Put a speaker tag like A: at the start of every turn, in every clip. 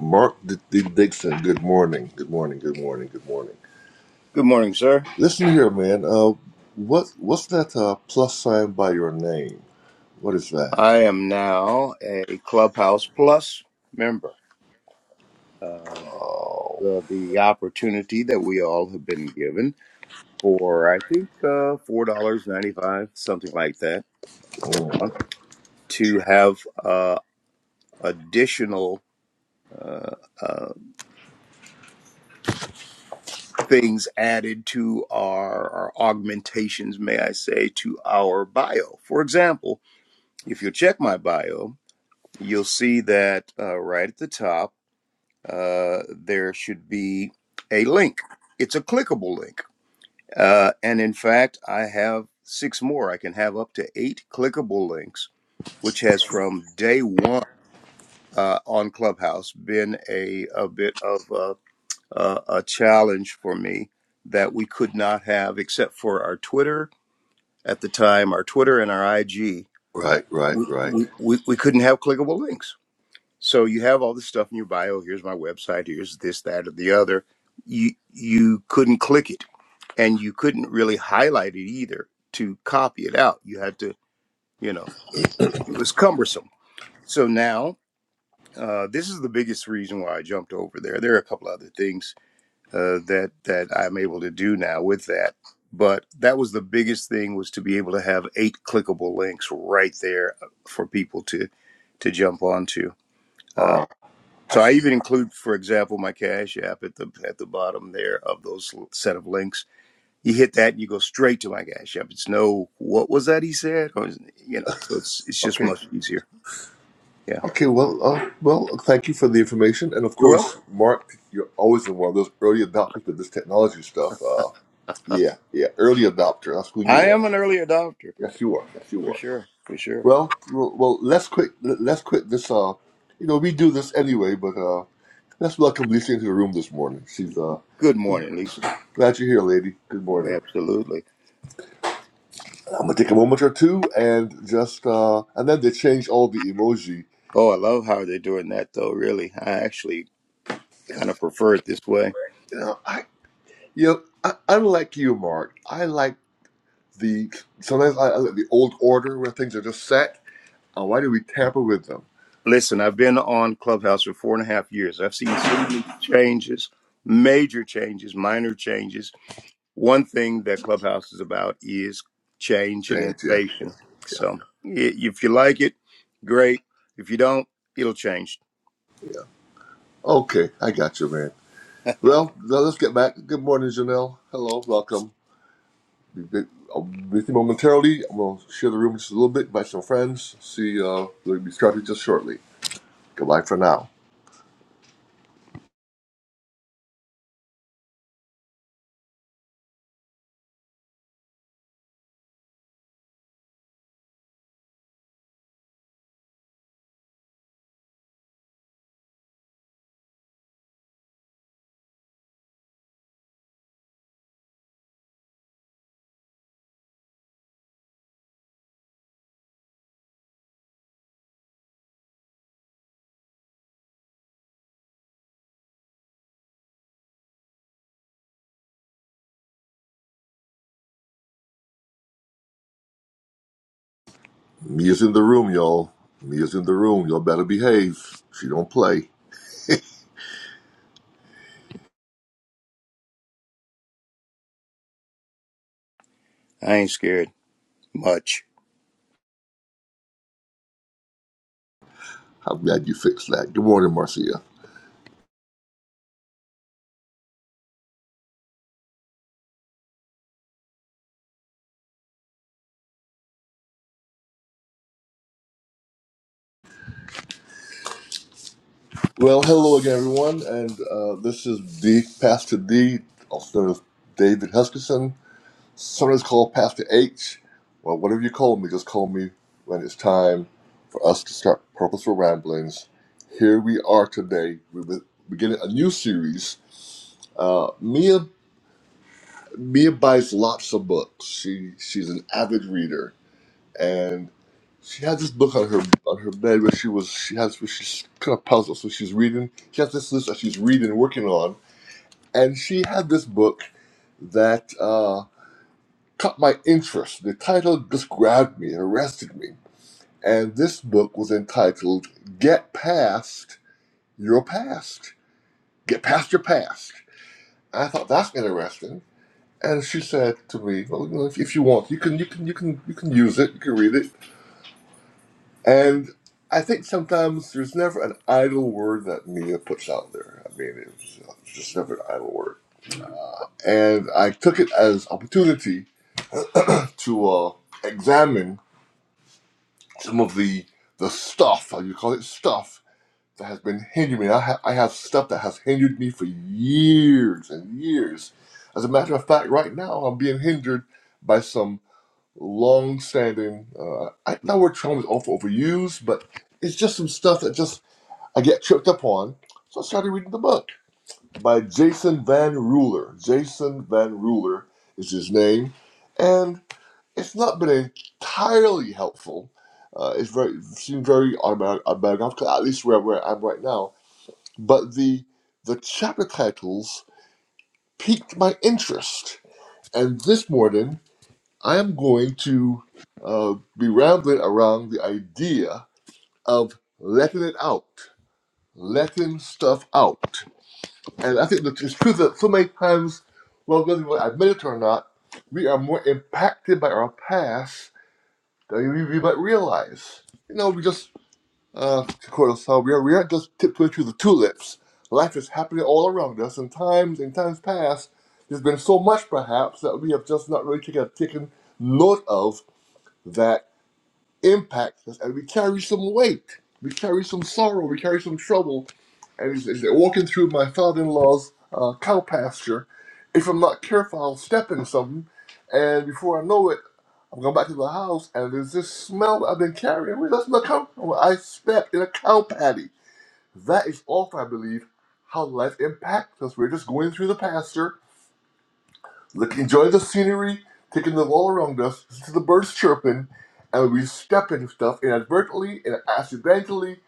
A: Mark D- D- Dixon, good morning, good morning, good morning, good morning.
B: Good morning, sir.
A: Listen here, man. Uh, what what's that uh, plus sign by your name? What is that?
B: I am now a Clubhouse Plus member. Uh, the, the opportunity that we all have been given for, I think, uh, $4.95, something like that per
A: Mm,
B: month, to have uh, additional uh, uh, things added to our, our augmentations, may I say, to our bio. For example, if you check my bio, you'll see that uh, right at the top, uh, there should be a link. It's a clickable link. Uh, and in fact, I have six more. I can have up to eight clickable links, which has from day one uh, on Clubhouse been a, a bit of a, a, a challenge for me that we could not have except for our Twitter at the time, our Twitter and our IG.
A: Right, right,
B: We,
A: right.
B: we, we, we couldn't have clickable links. So you have all this stuff in your bio. Here's my website. Here's this, that, or the other. You you couldn't click it, and you couldn't really highlight it either to copy it out. You had to, you know, it was cumbersome. So now uh, this is the biggest reason why I jumped over there. There are a couple other things uh, that that I'm able to do now with that, but that was the biggest thing was to be able to have eight clickable links right there uh, for people to to jump onto Uh,
A: Uh,
B: So I even include, for example, my Cash App at the at the bottom there of those l- set of links. You hit that, and you go straight to my Cash App. It's no, what was that he said, or you know. So it's it's just
A: okay,
B: much easier. Yeah.
A: okay. Well, uh, well. Thank you for the information, and of
B: You're
A: course,
B: welcome.
A: Mark, you're always in one of those early adopters of this technology stuff. Uh, yeah, yeah. Early adopter. That's who you
B: I
A: are.
B: am an early adopter
A: Yes, you are. Yes, you
B: for
A: are.
B: sure, for sure.
A: Well, well. well, Let's quit. Let's quit this. Uh, you know, we do this anyway, but. Uh, Let's welcome Lisa into the room this morning. She's uh,
B: Good morning, Lisa.
A: glad you're here, lady. Good morning.
B: Absolutely.
A: I'm gonna take a moment or two and just uh, and then they change all the emoji.
B: Oh, I love how they're doing that though. Really, I actually kind of prefer it this way.
A: You know, I you know, I, unlike you, Mark, I like the sometimes I, I like the old order where things are just set. Uh, why do we tamper with them?
B: Listen, I've been on Clubhouse for four and a half years. I've seen so many changes, major changes, minor changes one thing that Clubhouse is about is change and
A: Things, yeah, yeah,
B: innovation.
A: yeah.
B: So i- if you like it, great. If you don't, it'll change.
A: Okay, I got you, man. Well, now let's get back. Good morning, Janelle. Hello, welcome. bit- I'm busy momentarily. I'm going to share the room just a little bit, invite some friends. See, uh, we'll be starting just shortly. Goodbye for now. Mia's in the room, y'all. Mia's in the room. Y'all better behave. She don't play.
B: I ain't scared much.
A: I'm glad you fixed that. Good morning, Marcia. Well, hello again, everyone. And uh, this is D, Pastor D, also known as David Huskisson. Sometimes called Pastor H. Well, whatever you call me, just call me when it's time for us to start Purposeful Ramblings. Here we are today. We're beginning a new series. Uh, Mia Mia buys lots of books. She she's an avid reader, and she had this book on her on her bed where she was she has where she's kind of puzzled. So she's reading. She has this list that she's reading, and working on, and she had this book that. Uh, caught my interest. The title just grabbed me and arrested me. And this book was entitled Get Past Your Past. Get Past Your Past. I thought that's interesting. And she said to me, Well, you know, if, if you want, you can you can you can you can use it, you can read it. And I think sometimes there's never an idle word that Mia puts out there. I mean, it's just never an idle word. And I took it as opportunity to uh, examine some of the the stuff, I you call it stuff, that has been hindering me. I, ha- I have stuff that has hindered me for years and years. As a matter of fact, right now I'm being hindered by some long-standing. Uh, I, that word trauma is awful overused, but it's just some stuff that just I get tripped up on. So I started reading the book by Jason Van Ruler. Jason Van Ruler is his name, and it's not been entirely helpful. Uh, it's very it seemed very unbiog- unbiographical, at least where, where I'm right now. But the the chapter titles piqued my interest, and this morning I am going to uh, be rambling around the idea of letting it out, letting stuff out, and I think that it's true that so many times, well, whether we admit it or not, we are more impacted by our past we might realize. You know, we just, uh, to quote Osama, we, are, we aren't just tiptoeing through the tulips. Life is happening all around us, and times in times past, there's been so much perhaps that we have just not really taken, taken note of that impacts us, and we carry some weight. We carry some sorrow, we carry some trouble. And as, as they're walking through my father in law's uh, cow pasture, if I'm not careful, I'll step in something, and before I know it, I'm going back to the house, and there's this smell that I've been carrying. Where does that smell come from? I stepped in a cow patty. That is often, I believe, how life impacts us. We're just going through the pasture, looking, enjoying the scenery, taking the all around us, listen to the birds chirping, and we step into stuff inadvertently and accidentally,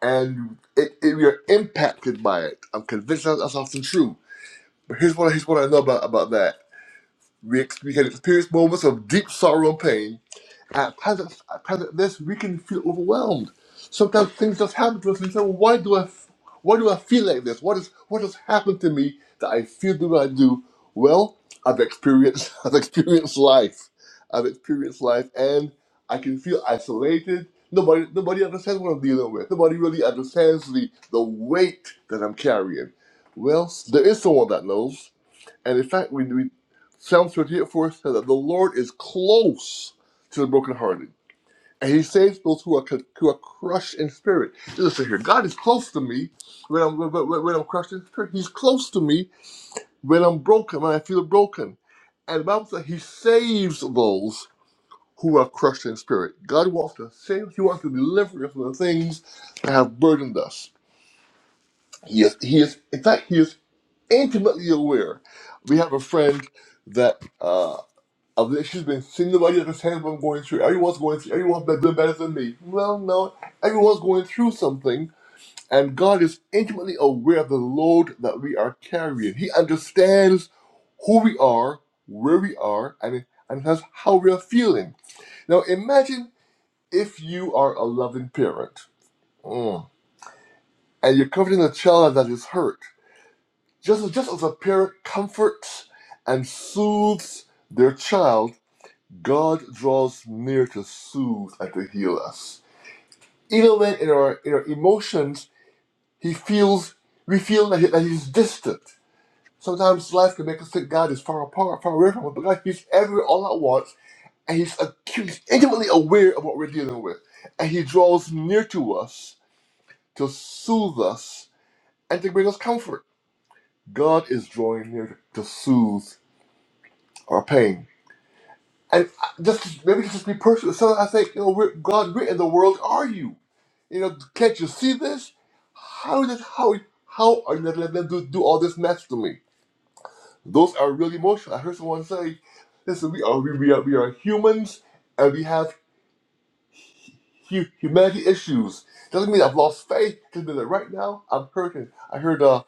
A: and it, it, we are impacted by it. I'm convinced that that's often true. But here's what, here's what I know about, about that. We, ex- we can experience moments of deep sorrow and pain, At present, at present, this we can feel overwhelmed. Sometimes things just happen to us, and we say, well, "Why do I? f- Why do I feel like this? What is? What has happened to me that I feel the way I do?" Well, I've experienced. I've experienced life. I've experienced life, and I can feel isolated. Nobody, nobody understands what I'm dealing with. Nobody really understands the the weight that I'm carrying. Well, there is someone that knows and in fact, we, we Psalm 38 4 says that the Lord is close to the brokenhearted, and He saves those who are who are crushed in spirit. Listen here, God is close to me when I'm when, when- when I'm crushed in spirit. He's close to me when I'm broken, when I feel broken. And the Bible says He saves those who are crushed in spirit. God wants to save. He wants to deliver us from the things that have burdened us. He is. He is. In fact, He is intimately aware. We have a friend that. Uh, I've literally been seeing nobody understand what I'm going through. Everyone's going through. Everyone's been doing better than me. Well, no, everyone's going through something, and God is intimately aware of the load that we are carrying. He understands who we are, where we are, and and has how we are feeling. Now, imagine if you are a loving parent, mm, and you're comforting a child that is hurt. Just just as a parent comforts and soothes their child God draws near to soothe and to heal us. Even when in our, in our emotions, he feels, we feel that, he, that he's distant. Sometimes life can make us think God is far apart, far away from us, but God, he's everywhere all at once, and he's acute, he's intimately aware of what we're dealing with. And he draws near to us to soothe us and to bring us comfort. God is drawing near to soothe our pain And I- just maybe it's just be personal. So I think, you know, where, God, where in the world are you? You know, can't you see this? How is this? How how are you going to let them do, do all this mess to me? Those are really emotional. I heard someone say, "Listen, we are we, we are we are humans, and we have hu- humanity issues. Doesn't mean I've lost faith. Doesn't mean that right now I'm hurting." I heard uh,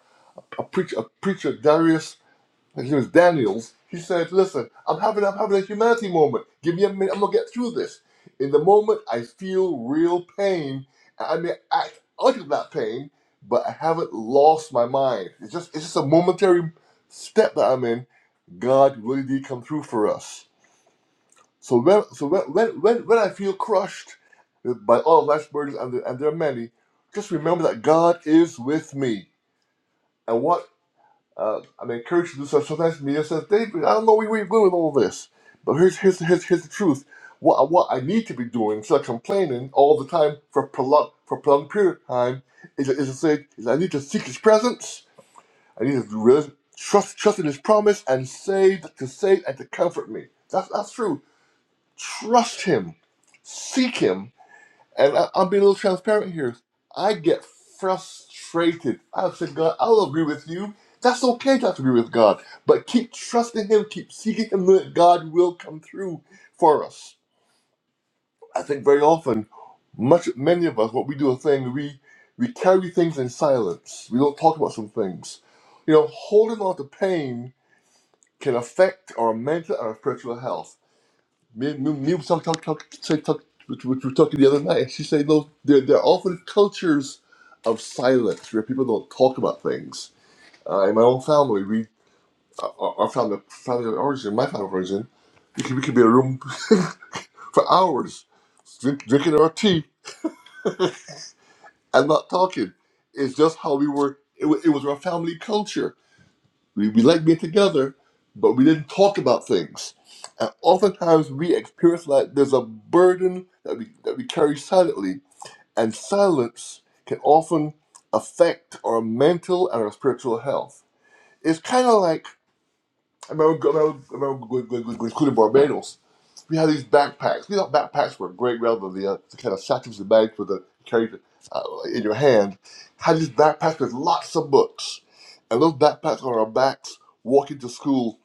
A: a preacher, a preacher, Darius and he was Daniel's, he said, Listen, I'm having I'm having a humanity moment. Give me a minute, I'm gonna get through this. In the moment I feel real pain, and I may act out of that pain, but I haven't lost my mind. It's just it's just a momentary step that I'm in. God really did come through for us. So when so when when when, when I feel crushed by all of life's burdens and, there- and there are many, just remember that God is with me. And what?" Uh, I mean, encourage you to do so. Sometimes media says, David, I don't know where you're going with all this. But here's, here's, here's, here's the truth. What, what I need to be doing, instead of complaining all the time for a prolonged, for a prolonged period of time, is, is to say, is I need to seek His presence. I need to really trust, trust in His promise and say, to say and to comfort me. That's, that's true. Trust Him. Seek Him and I, I'll be a little transparent here. I get frustrated. I said, God, I'll agree with you. That's okay to have to agree with God, but keep trusting Him, keep seeking Him that God will come through for us. I think very often, much many of us, what we do a thing, we we carry things in silence. We don't talk about some things. You know, holding on to pain can affect our mental and our spiritual health. Me, me, me was talk, talk, talk, talk, talk, which, which we were talking the other night. She said, "No, there, there are often cultures of silence where people don't talk about things." Uh, in my own family, we uh, our, our family, family of origin, my family of origin, we could, we could be in a room for hours drink, drinking our tea and not talking. It's just how we were. It, wa- it was our family culture. We, we liked being together, but we didn't talk about things. And oftentimes, we experience like there's a burden that we that we carry silently and silence can often affect our mental and our spiritual health. It's kind of like I remember, go- I remember I remember going, going, going, going to Barbados. We had these backpacks. We thought backpacks were great rather than the, uh, the kind of satchels and bags with the carried uh, in your hand. Had these backpacks with lots of books, and those backpacks on our backs walking to school.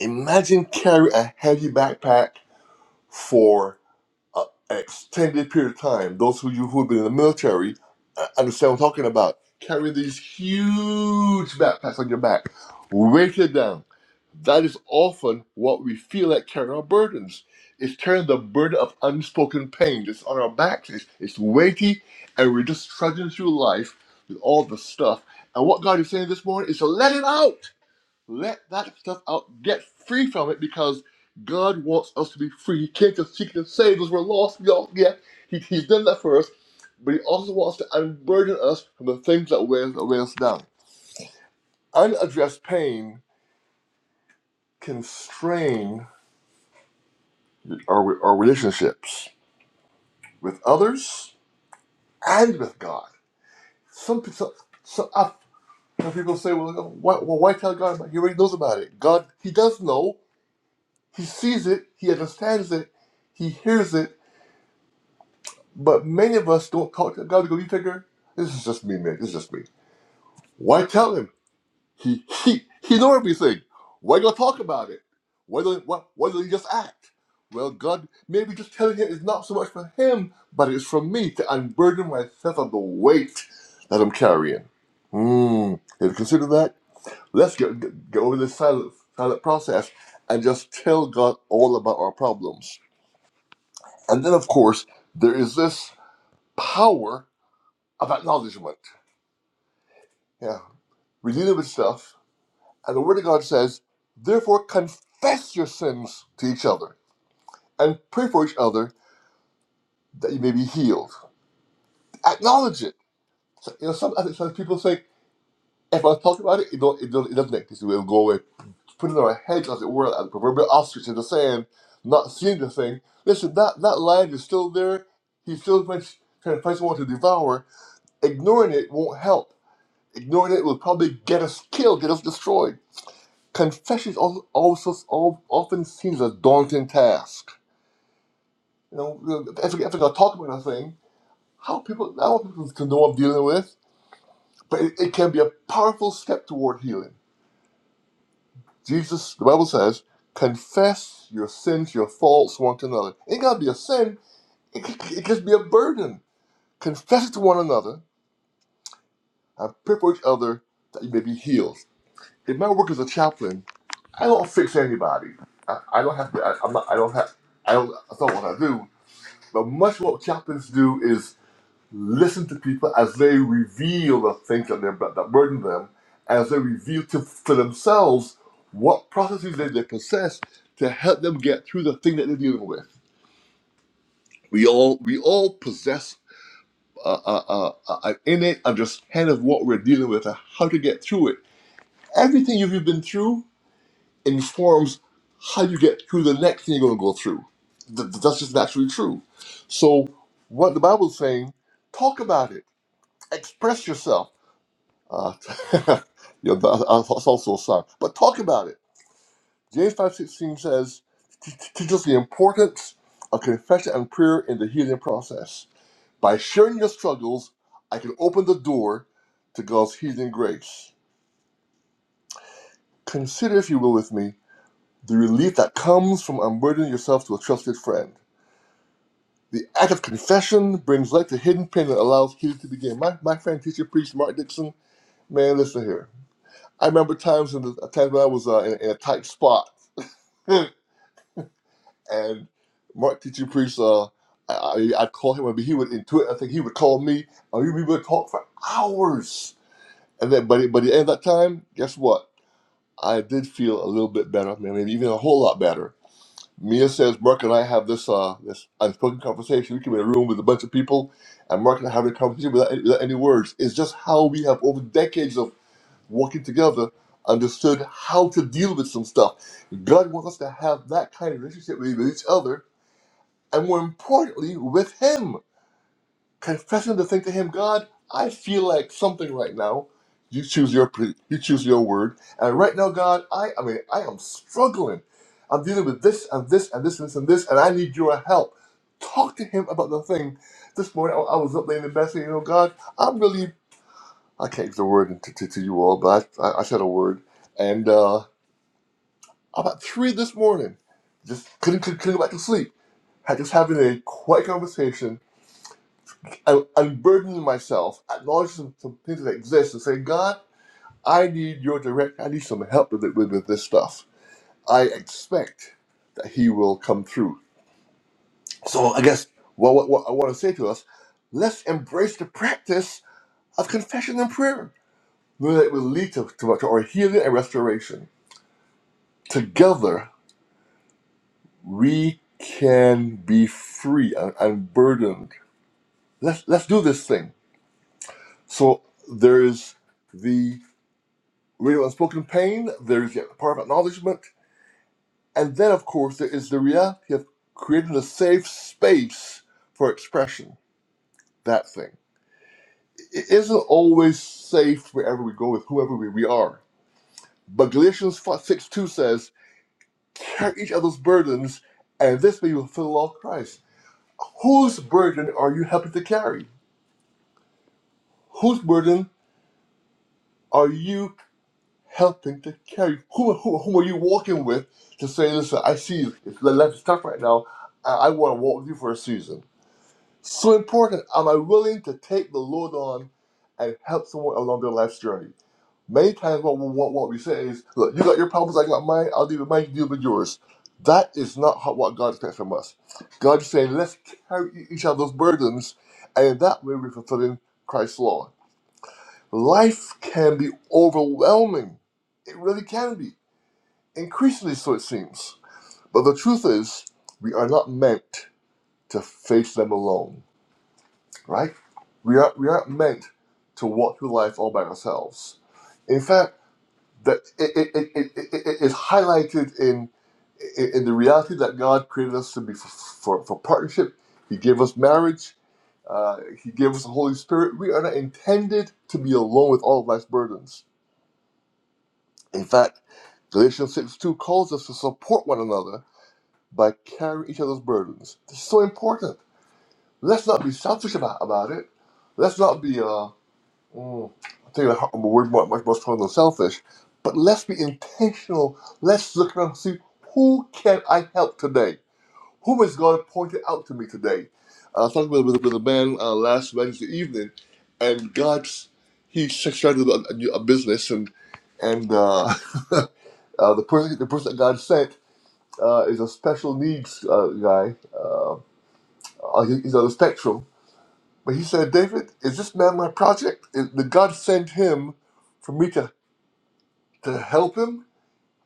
A: Imagine carrying a heavy backpack for uh, an extended period of time. Those who you who have been in the military uh, understand what I'm talking about. Carry these huge backpacks on your back, weighted down. That is often what we feel like carrying our burdens. It's carrying the burden of unspoken pain. It's on our backs. It's, it's weighty, and we're just trudging through life with all the stuff. And what God is saying this morning is to let it out let that stuff out. Get free from it because God wants us to be free. He came to seek and save us. We're lost. We all, yeah, he, He's done that for us. But He also wants to unburden us from the things that weigh, that weigh us down. Unaddressed pain can strain our, our relationships with others and with God. Some, some, some, I- some people say, well, why, well, why tell God? about it? He already knows about it. God, He does know. He sees it. He understands it. He hears it But many of us don't talk to God because we figure, this is just me, man. This is just me. Why tell him? He he he know everything. Why go talk about it? Why don't why, why don't you just act? Well, God, maybe just telling him is not so much for him, but it's for me to unburden myself of the weight that I'm carrying. Hmm. Have you considered that? Let's get, get get over this silent silent process and just tell God all about our problems. And then, of course, there is this power of acknowledgement Yeah. We dealing with stuff. And the Word of God says, therefore confess your sins to each other and pray for each other that you may be healed. Acknowledge it. So, you know, some, I think some people think, if I talk about it, it, don't, it, don't, it doesn't exist. It will go away. Put it on our heads, as it were, like the proverbial ostrich in the sand, not seeing the thing. Listen, that, that lion is still there. He's still trying trying to find someone to devour. Ignoring it won't help. Ignoring it will probably get us killed, get us destroyed. Confession is also, also s- al- often seen as a daunting task. You know, if I, if I talk about a thing, how people, I want people to know I'm dealing with, but it, it can be a powerful step toward healing. Jesus, the Bible says, confess your sins, your faults one to another. It ain't gotta be a sin, it, c- it can be a burden. Confess it to one another and pray for each other that you may be healed. In my work as a chaplain, I don't fix anybody. I, I don't have to, I, I'm not, I don't have, I don't, that's not what I do But much what chaplains do is listen to people as they reveal the things that, they're, that burden them, as they reveal to, to themselves what processes they, they possess to help them get through the thing that they're dealing with. We all we all possess uh, uh, uh, an innate understanding of what we're dealing with and how to get through it. Everything you've been through informs how you get through the next thing you're going to go through. Th- th- That's just naturally true. So, what the Bible's saying, talk about it express yourself. Uh, yeah, that- that's also a sign. But talk about it. James five sixteen says, "T- t- teach us the importance of confession and prayer in the healing process. By sharing your struggles, I can open the door to God's healing grace. Consider, if you will, with me, the relief that comes from unburdening yourself to a trusted friend. The act of confession brings light to hidden pain and allows healing to begin. My, my friend, teacher, priest, Mark Dixon, man, listen here I remember times in the times when I was uh, in, in a tight spot, and Mark teaching priest, uh, I I I'd call him, and he would intuit. I think he would call me, and we would talk for hours. And then, but by the end of that time, guess what? I did feel a little bit better, maybe even a whole lot better. Mia says Mark and I have this uh this unspoken conversation. We come in a room with a bunch of people, and Mark and I have a conversation without any, without any words. It's just how we have over decades of. working together, understood how to deal with some stuff. God wants us to have that kind of relationship with with each other, and more importantly, with Him. Confessing the thing to Him, God, I feel like something right now. You choose your pre- you choose your word, and right now, God, I I mean I am struggling. I'm dealing with this and this and this and this and this, and I need your help. Talk to Him about the thing. This morning, I I was up laying in bed saying, you know, God, I'm really I can't give the word to, to, to you all, but I, I, I said a word. And uh, about three this morning, just couldn't, couldn't, couldn't go back to sleep. Had just having a quiet conversation, un- unburdening myself, acknowledging some, some things that exist, and saying, God, I need your direct, I need some help with, with, with this stuff. I expect that He will come through. So I guess what, what, what I want to say to us, let's embrace the practice of confession and prayer, knowing that it will lead to, to, to our healing and restoration. Together, we can be free and, and burdened. Let's let's do this thing. So there's the radio unspoken pain. There's the power of acknowledgement, and then of course there is the reality of creating a safe space for expression. That thing it isn't always safe wherever we go with whoever we, we are. But Galatians 6 2 says, Carry each other's burdens, and this way you will fulfill the law of Christ. Whose burden are you helping to carry? Whose burden are you helping to carry? Who, who, who are you walking with to say, listen, I see you. It's, life is tough right now. I, I want to walk with you for a season. So important. Am I willing to take the load on and help someone along their life's journey? Many times what, we- what, what we say is, look, you got your problems, I got mine, I'll deal with mine, you deal with yours. That is not how, what God expects from us. God is saying, let's carry each other's burdens, and in that way we're fulfilling Christ's law. life can be overwhelming. It really can be. Increasingly so, it seems. But the truth is, we are not meant to face them alone, right? We aren't, we aren't meant to walk through life all by ourselves. In fact, that it, it, it, it, it, it is highlighted in, in in the reality that God created us to be for, for, for partnership. He gave us marriage. Uh, he gave us the Holy Spirit. We are not intended to be alone with all of life's burdens. In fact, Galatians 6 2 calls us to support one another by carrying each other's burdens. This is so important. Let's not be selfish about, about it. Let's not be, uh, mm, I think that I'm a word much, much more stronger than selfish, but let's be intentional. Let's look around and see who can I help today? Whom has God pointed out to me today? Uh, I was talking with, with, with a man uh, last Wednesday evening, and God's, he started a, a, new- a business, and, and, uh, uh, the person the person that God sent uh, is a special needs uh, guy. Uh, uh, he- he's on the spectrum. But he said, David, is this man my project? Is, did God send him for me to, to help him?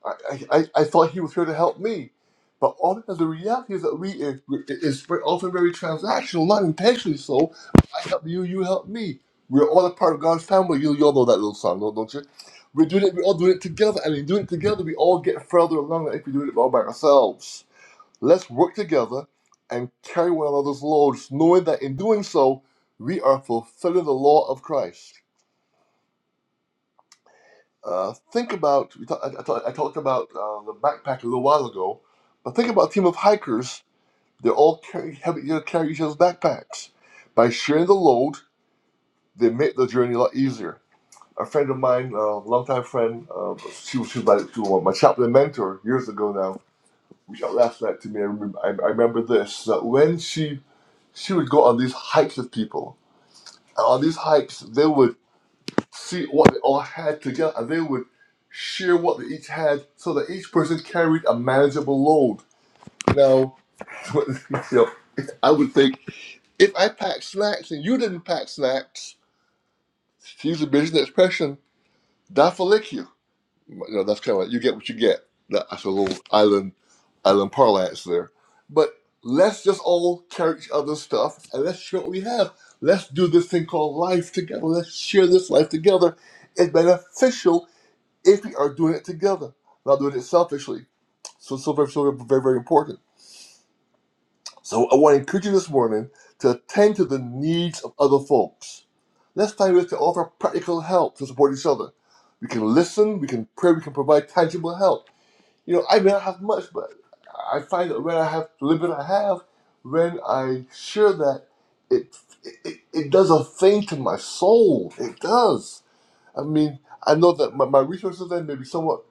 A: I, I, I I thought he was here to help me. But often the reality is that we is, is very- often very transactional, not intentionally so. I help you, you help me. We're all a part of God's family. You, you all know that little song, don't don't you? We're doing it. we all doing it together, and in doing it together, we all get further along than if we do it all by ourselves. Let's work together and carry one another's loads, knowing that in doing so, we are fulfilling the law of Christ. Uh, think about, we talk, I, I, talk- I talked about uh, the backpack a little while ago, but think about a team of hikers. They all carry, have, you know, carry each other's backpacks. By sharing the load, they make the journey a lot easier. A friend of mine, a longtime friend, uh, she was, she was my, she was my chaplain mentor years ago now, reached out last night to me. I remember, I, I remember this that when she she would go on these hikes with people. And on these hikes, they would see what they all had together and they would share what they each had so that each person carried a manageable load. Now, you know, I would think if I packed snacks and you didn't pack snacks, to use a business expression, daffalick you know, that's kind of like you get what you get. That- That's a little island island parlance there. But let's just all carry each other's stuff and let's share what we have. Let's do this thing called life together. Let's share this life together. It's beneficial if we are doing it together, not doing it selfishly. So, so very, so very, very important. So, I want to encourage you this morning to attend to the needs of other folks. Let's find ways to offer practical help to support each other. We can listen, we can pray, we can provide tangible help you know, I may not have much, but I find that when I have the little bit I have, when I share that, it, it it does a thing to my soul. It does. I mean, I know that my, my resources then may be somewhat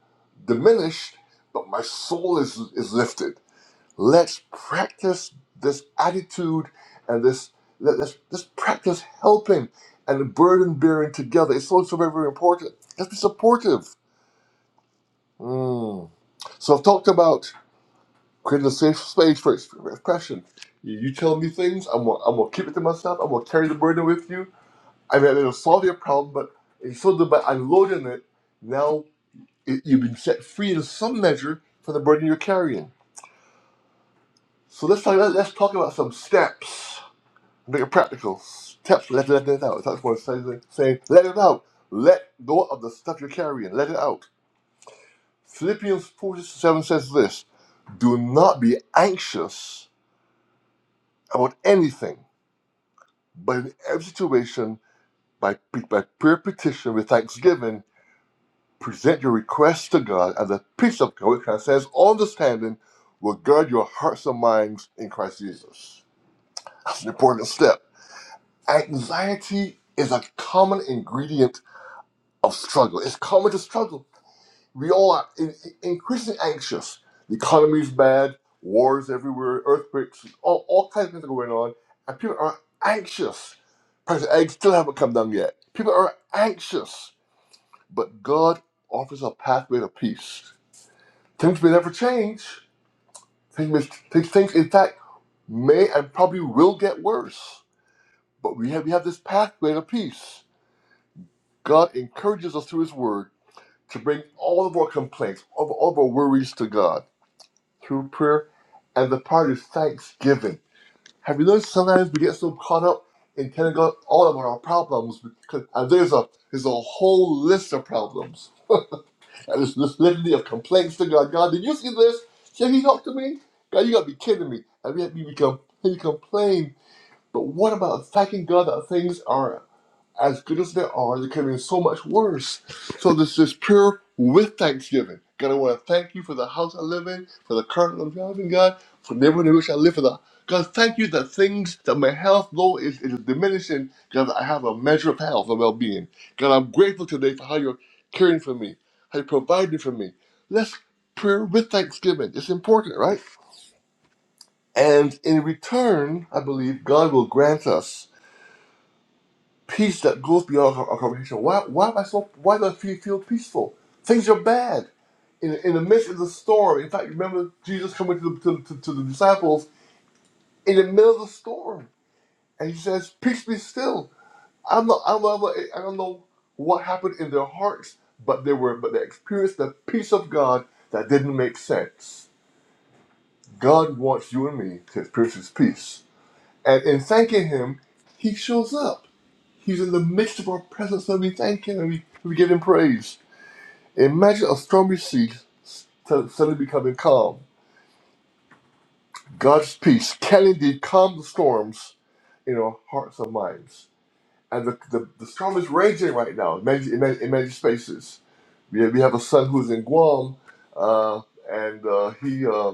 A: diminished, but my soul is is lifted. Let's practice this attitude and this let, let's let's practice helping and burden bearing together. It's so so very very important. Let's be supportive. Mm. So I've talked about creating a safe space for expression. You, you tell me things, I'm gonna, I'm gonna keep it to myself. I'm gonna carry the burden with you. I mean, it'll solve your problem, but instead of by unloading it, now it, you've been set free in some measure from the burden you're carrying. So let's talk. About, Let's talk about some steps. Make it practical. Steps. Let let it out. That's what I'm saying. Saying let it out. Let go of the stuff you're carrying. Let it out. Philippians 4 7 says this Do not be anxious about anything But in every situation, by, pe- by prayer petition with thanksgiving, present your requests to God, and the peace of God, which says all understanding, will guard your hearts and minds in Christ Jesus. That's an important step. Anxiety is a common ingredient of struggle. It's common to struggle we all are in, in- increasingly anxious. The economy's bad, wars everywhere, earthquakes, all, all kinds of things are going on, and people are anxious. Price of eggs still haven't come down yet. People are anxious, but God offers a pathway to peace. Things may never change. Things, may, things, things, in fact, may and probably will get worse. But we have, we have this pathway to peace. God encourages us through His Word to bring all of our complaints, all of all of our worries to God through prayer, and the part is thanksgiving. Have you noticed sometimes we get so caught up in telling God all about our problems because and there's a there's a whole list of problems. And there's this litany of complaints to God. God, did you see this? Can you talk to me? God, you gotta be kidding me. And yet we become we complain. But what about thanking God that things are as good as they are, they can be so much worse. So this is prayer with thanksgiving. God, I want to thank you for the house I live in, for the car I'm driving, God, for the neighborhood in which I live, for the God, thank you that things that my health though is, is diminishing, God, I have a measure of health and well-being. God, I'm grateful today for how you're caring for me, how you're providing for me. Let's pray with thanksgiving. It's important, right? And in return, I believe God will grant us peace that goes beyond our, our comprehension. Why, why am I so? Why do I feel, feel peaceful? Things are bad. In, in the midst of the storm, in fact, remember Jesus coming to the, to, to, to the disciples in the middle of the storm, and he says, "Peace be still." I don't know. I don't know, I don't know what happened in their hearts, but they were, but they experienced the peace of God that didn't make sense. God wants you and me to experience His peace, and in thanking Him, He shows up. He's in the midst of our presence, and we thank him and we, we give him praise. Imagine a stormy sea suddenly becoming calm. God's peace can indeed calm the storms in our hearts and minds. And the, the, the storm is raging right now in many, in many, in many spaces. We have, we have a son who's in Guam, uh, and uh, he uh,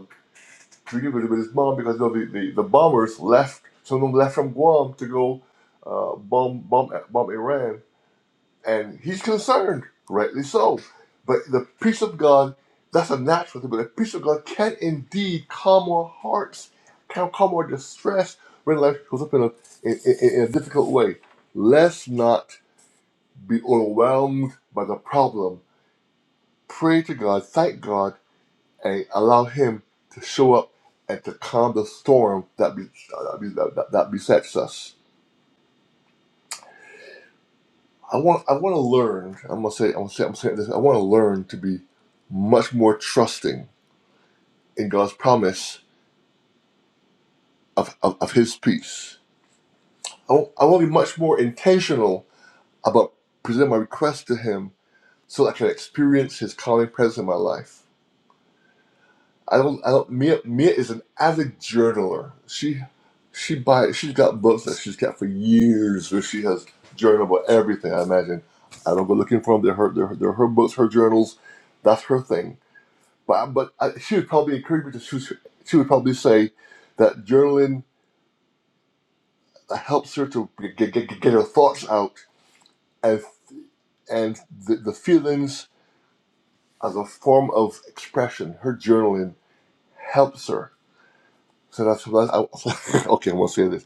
A: treated with, with his mom because of the, the, the bombers left. Some of them left from Guam to go uh, bomb, bomb, bomb Iran and he's concerned, rightly so. But the peace of God, that's a natural thing, but the peace of God can indeed calm our hearts, can calm our distress when life goes up in a, in, in, in a difficult way. Let's not be overwhelmed by the problem. Pray to God, thank God, and allow Him to show up and to calm the storm that, be, that, be, that, that besets us. I want I want to learn. I'm gonna say I'm gonna say I'm saying this. I want to learn to be much more trusting in God's promise of of, of His peace. I want I want to be much more intentional about presenting my request to Him so I can experience His calming presence in my life. I don't I don't Mia Mia is an avid journaler. She she buys she's got books that she's got for years where she has journaled about everything. I imagine. I don't go looking for them. They're her they're, her- they're her books, her journals. That's her thing But, um, but I, she would probably encourage me to. She, was- she would probably say that journaling helps her to get, get, get her thoughts out and and the, the feelings as a form of expression. Her journaling helps her. So that's what I, okay. I won't say this.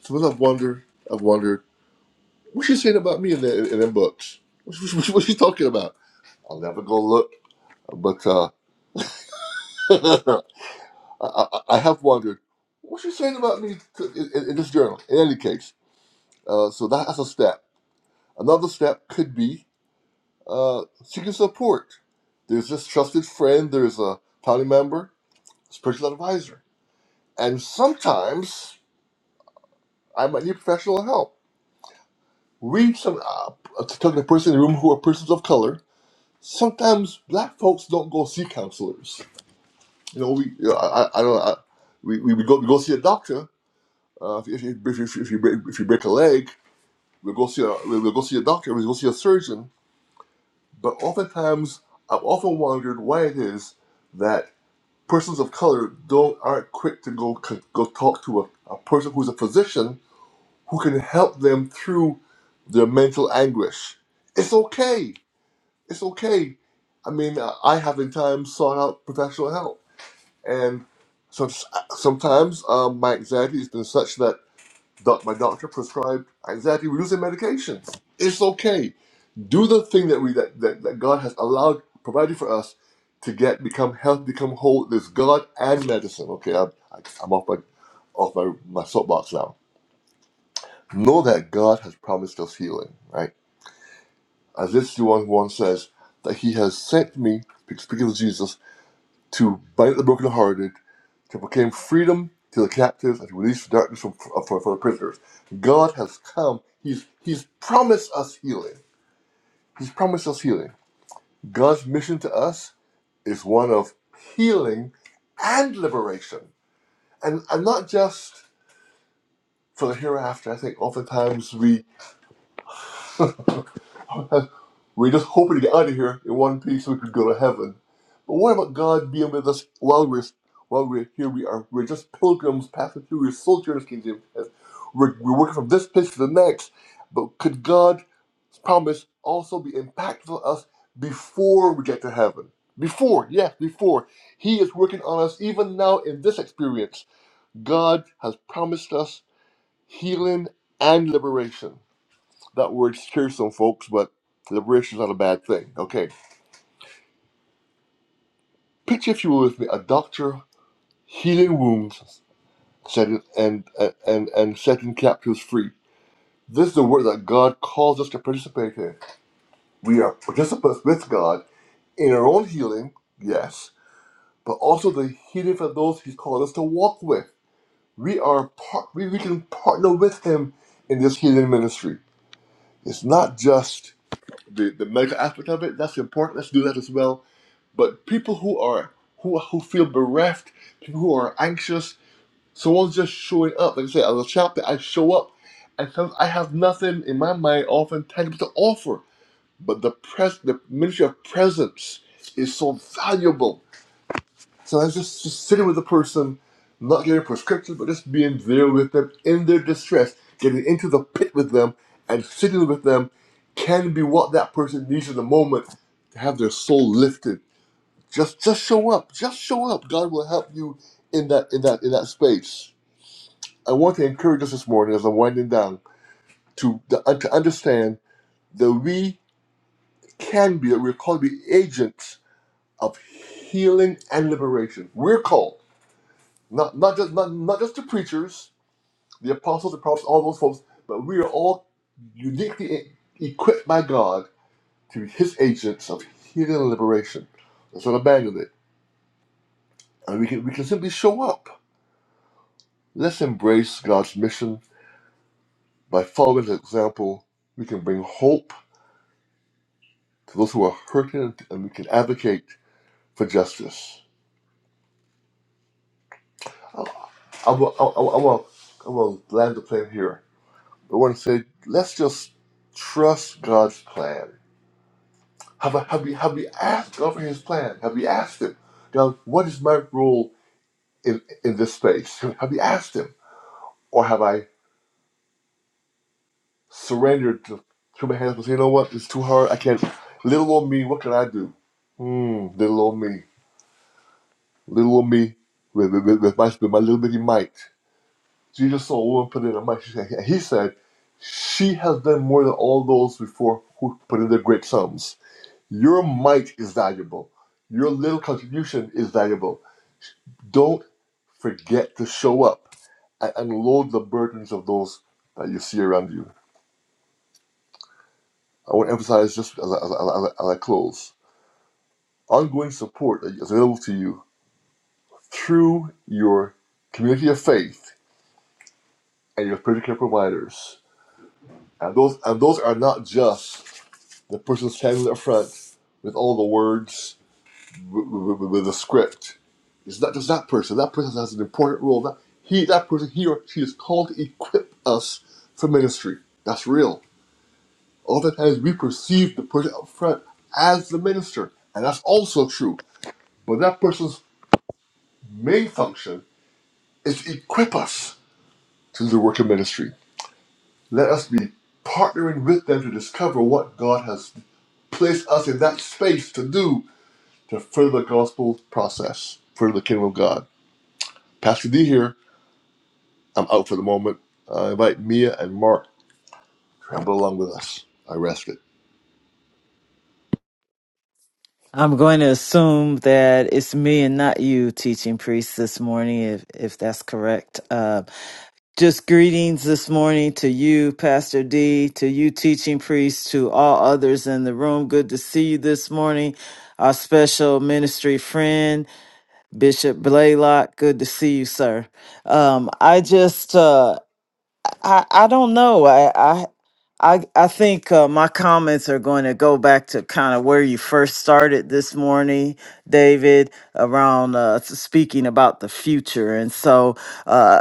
A: So I've wondered. I've wondered what she's saying about me in the in them books. What's what, what she talking about? I'll never go look. But uh, I, I, I have wondered what's she saying about me to, in in this journal. In any case. Uh, so that's a step. Another step could be uh, seeking support. There's this trusted friend, there's a family member, spiritual advisor. And sometimes I might need professional help. We, some, uh, to talk to the person in the room who are persons of color, sometimes black folks don't go see counselors. You know, we, you know, I, I I don't know, I, we, we, we, go, we go see a doctor. Uh, if, if, you- if, if, if, you break, if you break a leg, we'll go see a, we'll we'll go see a doctor, we'll go see a surgeon But oftentimes, I've often wondered why it is that persons of color don't aren't quick to go go talk to a, a person who's a physician who can help them through their mental anguish. It's okay. It's okay. I mean, I I have in time sought out professional help, and some, sometimes um, my anxiety has been such that doc- my doctor prescribed anxiety-reducing medications. It's okay do the thing that we that, that, that God has allowed provided for us to get become health, become whole. There's God and medicine. Okay, I'm, I- am i am off my off my, my soapbox now. Know that God has promised us healing, right? As this one one says that He has sent me, speaking of Jesus, to bind up the brokenhearted, to proclaim freedom to the captives, and to release darkness from for, for the prisoners. God has come. He's He's promised us healing. He's promised us healing. God's mission to us is one of healing and liberation, and and not just for the hereafter. I think oftentimes we we're just hoping to get out of here in one piece so we could go to heaven. But what about God being with us while we're while we're here? We are we're just pilgrims passing through. We're sojourners, kingdom. We're, we're working from this place to the next. But could God's promise also be impactful on us before we get to heaven? Before, yes, before. He is working on us even now in this experience God has promised us healing and liberation. That word scares some folks, but liberation is not a bad thing. Okay. Picture, if you will, with me, a doctor healing wounds setting, and, and, and setting captives free. This is the work that God calls us to participate in. We are participants with God in our own healing, yes, but also the healing for those He's called us to walk with. We are part, we, we can partner with Him in this healing ministry. It's not just the, the medical aspect of it. That's important. Let's do that as well. But people who are who who feel bereft, people who are anxious, someone's just showing up. Like I said, as a chap I show up, and sometimes I have nothing in my mind, often tangible to offer. But the pres the ministry of presence is so valuable so I was just, just sitting with the person, not getting prescriptions, but just being there with them in their distress, getting into the pit with them and sitting with them can be what that person needs in the moment to have their soul lifted. Just just show up. Just show up. God will help you in that in that in that space. I want to encourage us this morning as I'm winding down to to understand that we can be, we're called to be agents of healing and liberation. We're called. Not not just not, not just the preachers, the apostles, the prophets, all those folks, but we are all uniquely e- equipped by God to be His agents of healing and liberation. Let's not abandon it, and we can we can simply show up. Let's embrace God's mission by following His example. We can bring hope to those who are hurting, and we can advocate for justice. I, I will I, will- I will I will land the plane here. I want to say let's just trust God's plan Have, I, have, you, have you asked over his plan? Have you asked him, God, what is my role in, in this space? Have you asked him? Or have I surrendered to, to my hands and say, you know what, it's too hard. I can't. Little old me, what can I do? Hmm, little old me. Little old me with, with, with, with my, with my little bitty might. Jesus saw a woman put in her might. She said- and He said, she has done more than all those before who put in their great sums. Your might is valuable. Your little contribution is valuable Don't forget to show up and unload the burdens of those that you see around you. I want to emphasize just as I, as I, as I as I close ongoing support is available to you through your community of faith and your spiritual care providers. And those, and those are not just the person standing up front with all the words, with, with, with the script. It's not just that person. That person has an important role. That, he, that person, he or she is called to equip us for ministry. That's real. Oftentimes we perceive the person up front as the minister, and that's also true. But that person's main function is to equip us to the work of ministry. Let us be partnering with them to discover what God has placed us in that space to do to further the gospel process, further the kingdom of God. Pastor D here. I'm out for the moment. I invite Mia and Mark to ramble along with us. I rest it.
C: I'm going to assume that it's me and not you teaching priest this morning, if, if that's correct. Uh, just greetings this morning to you, Pastor D, to you, teaching priest, to all others in the room. Good to see you this morning. Our special ministry friend, Bishop Blaylock. Good to see you, sir. Um, I just, uh, I, I don't know. I I I, I think uh, my comments are going to go back to kind of where you first started this morning, David, around uh, s- speaking about the future. And so, uh,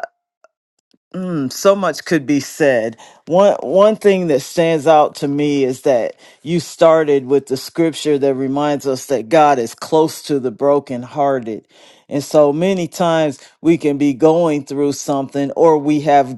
C: Mm, so much could be said. One one thing that stands out to me is that you started with the scripture that reminds us that God is close to the brokenhearted. And so many times we can be going through something or we have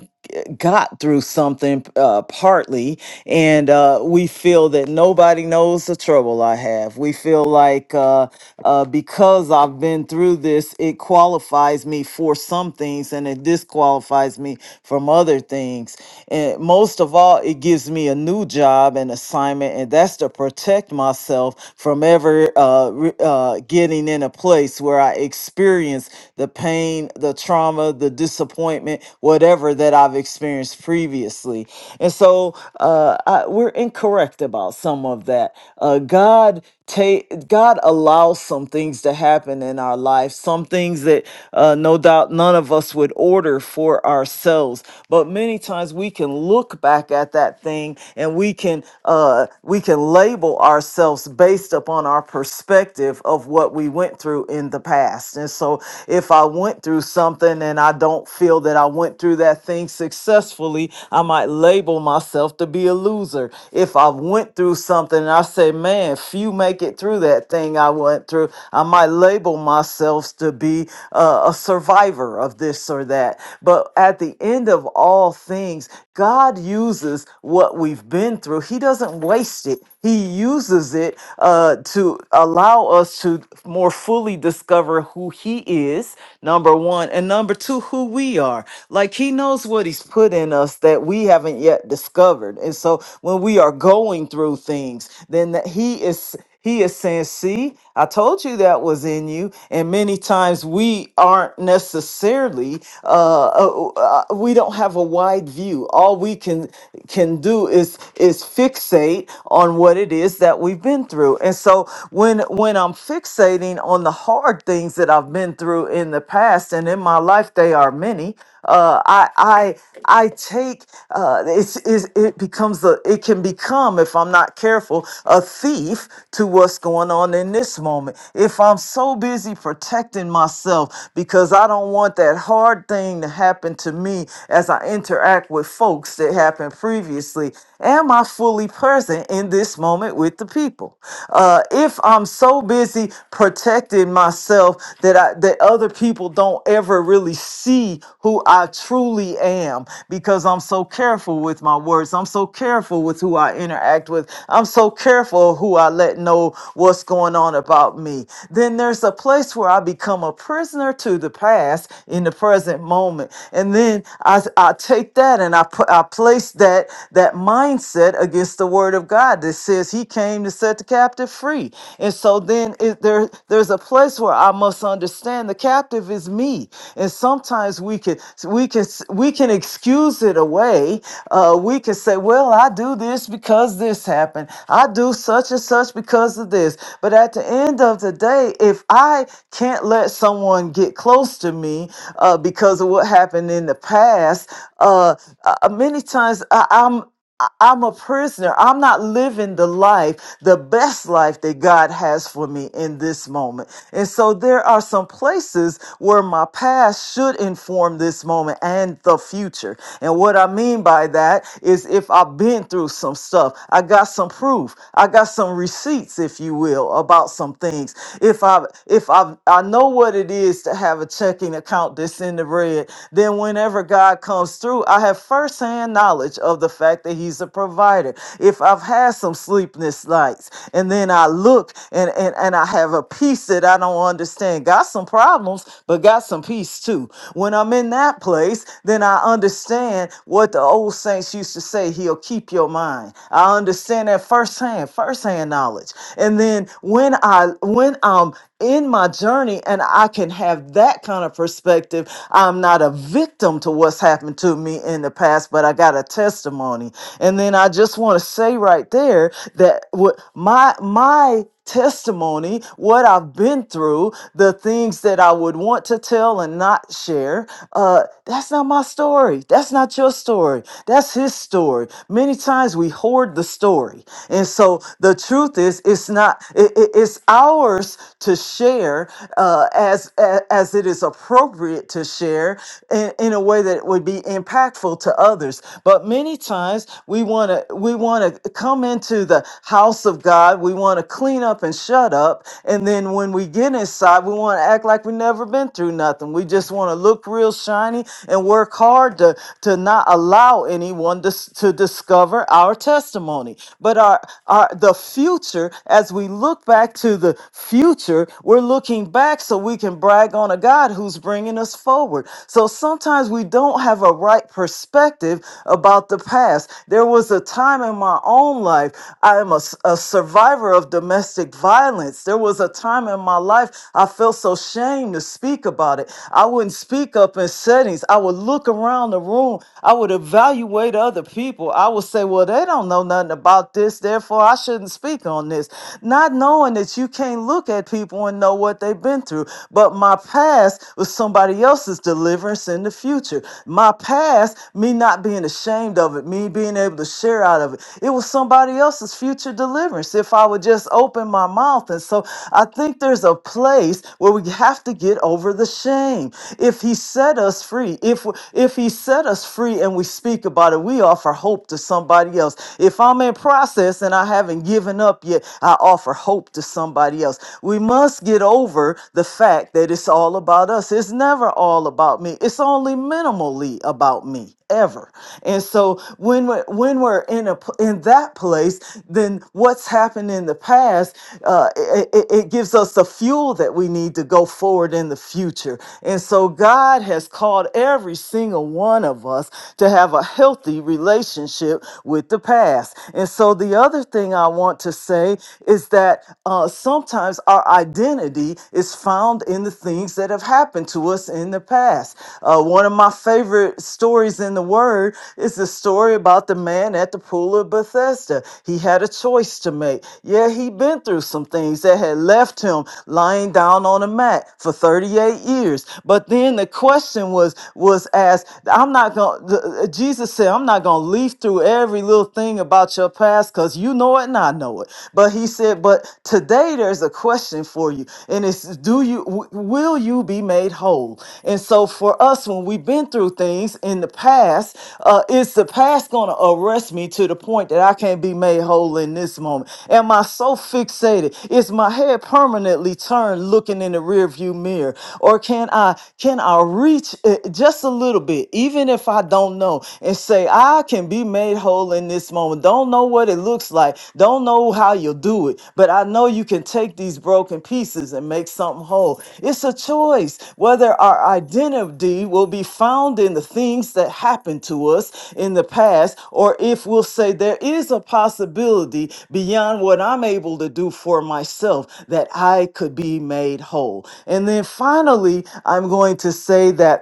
C: got through something uh, partly and uh, we feel that nobody knows the trouble I have. We feel like uh, uh, because I've been through this, it qualifies me for some things and it disqualifies me from other things. And most of all, it gives me a new job and assignment, and that's to protect myself from ever uh, re- uh, getting in a place where I experience the pain, the trauma, the disappointment, whatever that I've experienced previously. And so uh, I, we're incorrect about some of that. Uh, God take God allows some things to happen in our life, some things that uh, no doubt none of us would order for ourselves. But many times we can look back at that thing and we can uh, we can label ourselves based upon our perspective of what we went through in the past. And so, if I went through something and I don't feel that I went through that thing successfully, I might label myself to be a loser. If I went through something and I say, "Man, man, few make it through that thing I went through. I might label myself to be uh, a survivor of this or that. But at the end of all things, God uses what we've been through, He doesn't waste it. He uses it uh, to allow us to more fully discover who He is, number one, and number two, who we are. Like He knows what He's put in us that we haven't yet discovered. And so when we are going through things, then and that he is he is saying, "See, I told you that was in you." And many times we aren't necessarily uh, uh, uh, we don't have a wide view. All we can can do is is fixate on what it is that we've been through. And so when when I'm fixating on the hard things that I've been through in the past and in my life, they are many. Uh, I I I take uh, it's, it's it becomes a it can become if I'm not careful careful, a thief to what's going on in this moment. If I'm so busy protecting myself because I don't want that hard thing to happen to me as I interact with folks that happened previously, am I fully present in this moment with the people? Uh, if I'm so busy protecting myself that I, that other people don't ever really see who I truly am because I'm so careful with my words, I'm so careful with who I interact with with. I'm so careful who I let know what's going on about me. Then there's a place where I become a prisoner to the past in the present moment. And then I, I take that and I put I place that that mindset against the word of God that says he came to set the captive free. And so then it, there there's a place where I must understand the captive is me. And sometimes we can we can we can excuse it away. Uh, we can say, well, I do this because because this happened. I do such and such because of this. But at the end of the day, if I can't let someone get close to me uh, because of what happened in the past, uh, uh, uh, many times I, I'm I- I'm a prisoner. I'm not living the life, the best life that God has for me in this moment. And so there are some places where my past should inform this moment and the future. And what I mean by that is if I've been through with some stuff. I got some proof. I got some receipts, if you will, about some things. If I if I I know what it is to have a checking account that's in the red, then whenever God comes through, I have firsthand knowledge of the fact that He's a provider. If I've had some sleepless nights and then I look and and, and I have a peace that I don't understand. Got some problems, but got some peace too. When I'm in that place, then I understand what the old saints used to say. He'll keep your mind. I understand that firsthand, firsthand knowledge. And then when I when I'm in my journey and I can have that kind of perspective, I'm not a victim to what's happened to me in the past, but I got a testimony. And then I just want to say right there that what my my testimony, what I've been through, the things that I would want to tell and not share. Uh, that's not my story. That's not your story. That's his story. Many times we hoard the story. And so the truth is, it's not, it, it- it's ours to share uh, as, as, as it is appropriate to share in, in a way that would be impactful to others. But many times we want to, we want to come into the house of God, we want to clean up and shut up. And then when we get inside, we want to act like we never been through nothing. We just want to look real shiny and work hard to, to not allow anyone to, s- to discover our testimony. But our, our the future, as we look back to the future, we're looking back so we can brag on a God who's bringing us forward. So sometimes we don't have a right perspective negative about the past. There was a time in my own life, I am a a survivor of domestic violence. There was a time in my life I felt so ashamed to speak about it. I wouldn't speak up in settings. I would look around the room. I would evaluate other people. I would say, well, they don't know nothing about this, therefore I shouldn't speak on this. Not knowing that you can't look at people and know what they've been through. But my past was somebody else's deliverance deliverance in the future. My past, me not being ashamed of it, me being able to share out of it, it was somebody else's future deliverance if I would just open my mouth. And so I think there's a place where we have to get over the shame. If He set us free, if if He set us free and we speak about it, we offer hope to somebody else. If I'm in process and I haven't given up yet, I offer hope to somebody else. We must get over the fact that it's all about us. It's never all about me. It's only minimally about me ever. And so when we're, when we're in a p- in that place, then what's happened in the past, uh, it, it it gives us the fuel that we need to go forward in the future. And so God has called every single one of us to have a healthy relationship with the past. And so the other thing I want to say is that that uh, sometimes our identity is found in the things that have happened to us in the past. Uh, one of my favorite stories in the Word is the story about the man at the pool of Bethesda. He had a choice to make. Yeah, he'd been through some things that had left him lying down on a mat for 38 years. But then the question was was asked, I'm not going to, Jesus said, I'm not going to leaf through every little thing about your past past because you know it and I know it. But he said, But today there's a question for you, and it's do you w- will you be made whole? And so for us, when we've been through things in the past, uh, is the past gonna arrest me to the point that I can't be made whole in this moment? Am I so fixated? Is my head permanently turned looking in the rearview mirror? Or can I can I reach it just a little bit, even if I don't know? and say, I can be made whole in this moment. Don't know what it looks like, don't know how you'll do it, but I know you can take these broken pieces and make something whole. It's a choice whether our identity will be found in the things that happened to us in the past, or if we'll say, There is a possibility beyond what I'm able to do for myself that I could be made whole. And then finally, I'm going to say that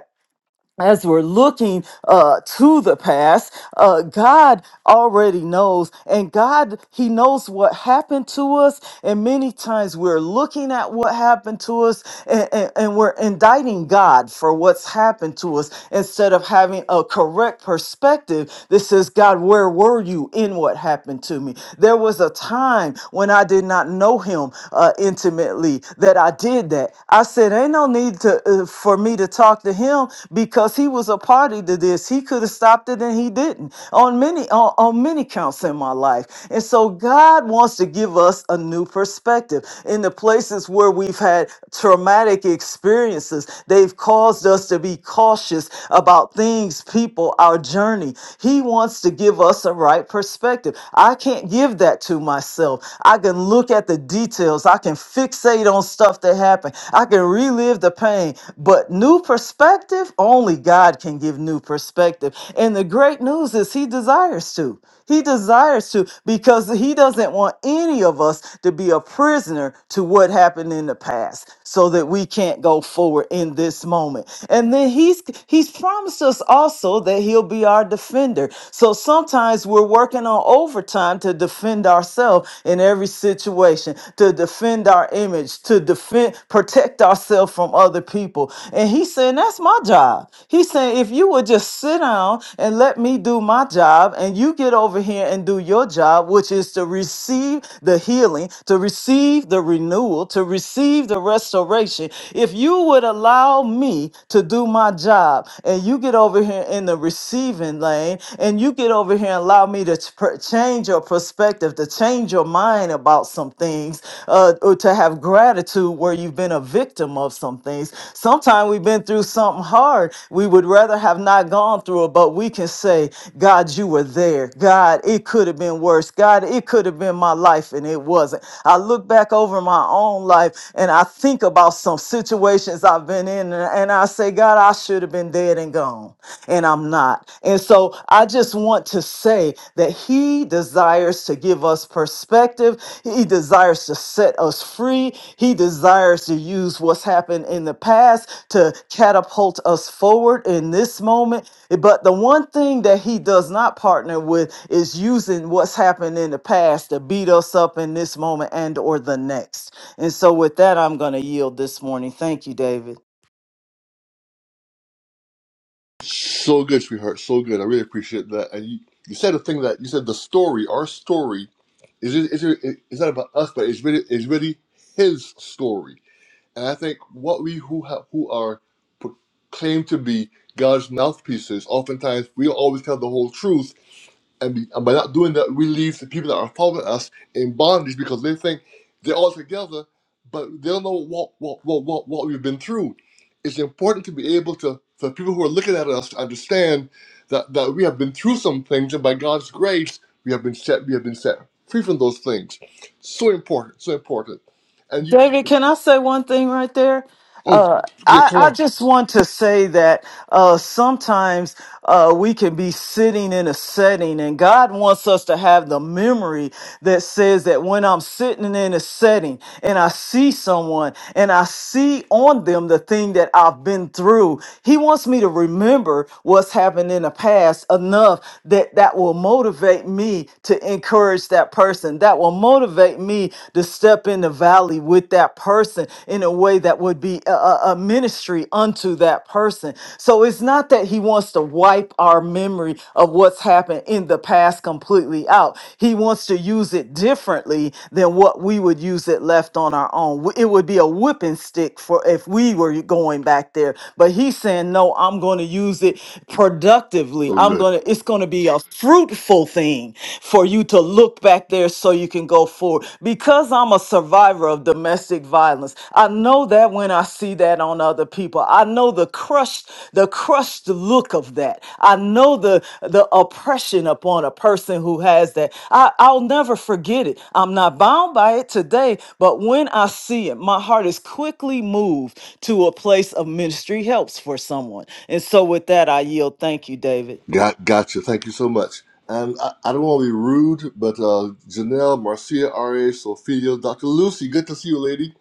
C: as we're looking uh, to the past, uh, God already knows, and God, He knows what happened to us. And many times we're looking at what happened to us and, and, and we're indicting God for what's happened to us instead of having a correct perspective that says, God, where were you in what happened to me? There was a time when I did not know Him uh, intimately that I did that. I I said, ain't no need to uh, for me to talk to him because he was a party to this. He could have stopped it and he didn't on many on, on many counts in my life. And so God wants to give us a new perspective in the places where we've had traumatic experiences. They've caused us to be cautious about things, people, our journey. He wants to give us a right perspective. I can't give that to myself. I can look at look at the details. I can fixate on stuff that happened. I can relive the pain. But new perspective, only God can give new perspective. And the great news is He desires to. He desires to because He doesn't want any of us to be a prisoner to what happened in the past so that we can't go forward in this moment. And then He's He's promised us also that He'll be our defender. So sometimes we're working working on overtime to defend ourselves in every situation, to defend our image, to defend, protect ourselves from other people. And he's saying, That's my job. He's saying, If you would just sit down and let me do my job, and you get over here and do your job, which is to receive the healing, to receive the renewal, to receive the restoration. If you would allow me to do my job, and you get over here and in the receiving lane, and you get over here and allow me to ch- per- change your perspective, to change your mind about some things, uh, or to have gratitude where you've been a victim of some things. Sometimes we've been through something hard. We would rather have not gone through it, but we can say, God, you were there. God, it could have been worse. God, it could have been my life, and it wasn't. I look back over my own life and I think about some situations I've been in coming in and I say, God, I should have been dead and gone, and I'm not. And so I just want to say that He desires to give us perspective, He desires to set us free, He desires to use what's happened in the past to catapult us forward in this moment. But the one thing that He does not partner with is using what's happened in the past to beat us up in this moment and or the next. And so with that, I'm going to yield this morning. Thank you, David.
A: So good, sweetheart. So good. I really appreciate that. And you, you said a thing that you said the story, our story, is is is is not about us, but it's really is really His story. And I think what we who have who are proclaimed to be God's mouthpieces, oftentimes we don't always tell the whole truth and, be, and by not doing that, we leave the people that are following us in bondage because they think they're all together, but they don't know what what what what, what we've been through. It's important to be able to for people who are looking at us to understand that that we have been through some things, and by God's grace, we have been set we have been set free from those things. So important, so important. And you,
C: David, can I say one thing right there?
A: oh
C: Uh,
A: yeah,
C: I,
A: come
C: I
A: on,
C: just want to say that uh, sometimes uh, we can be sitting in a setting, and God wants us to have the memory that says that when I'm sitting in a setting and I see someone and I see on them the thing that I've been through, He wants me to remember what's happened in the past enough that that will motivate me to encourage that person, that will motivate me to step in the valley with that that person in a way that would be a, a a ministry unto that person. So it's not that he wants to wipe our memory of what's happened in the past completely out. He wants to use it differently than what we would use it left on our own. W- It would be a whipping stick for if we were going back there. But he's saying, no, I'm going to use it productively.
A: so
C: I'm
A: good.
C: going to, it's going to be a fruitful thing for you to look back there so you can go forward. Because I'm a survivor of domestic violence, I know that when I see that on other people, I know the crushed, the crushed look of that. I know the the oppression upon a person who has that. I, I'll never forget it. I'm not bound by it today, but when I see it, my heart is quickly moved to a place of ministry helps for someone. And so with that, I yield. Thank you, David.
A: Got gotcha. Thank you so much. And I, I don't want to be rude, but uh, Janelle, Marcia, R.A., Sophia, Dr. Lucy, good to see you, lady.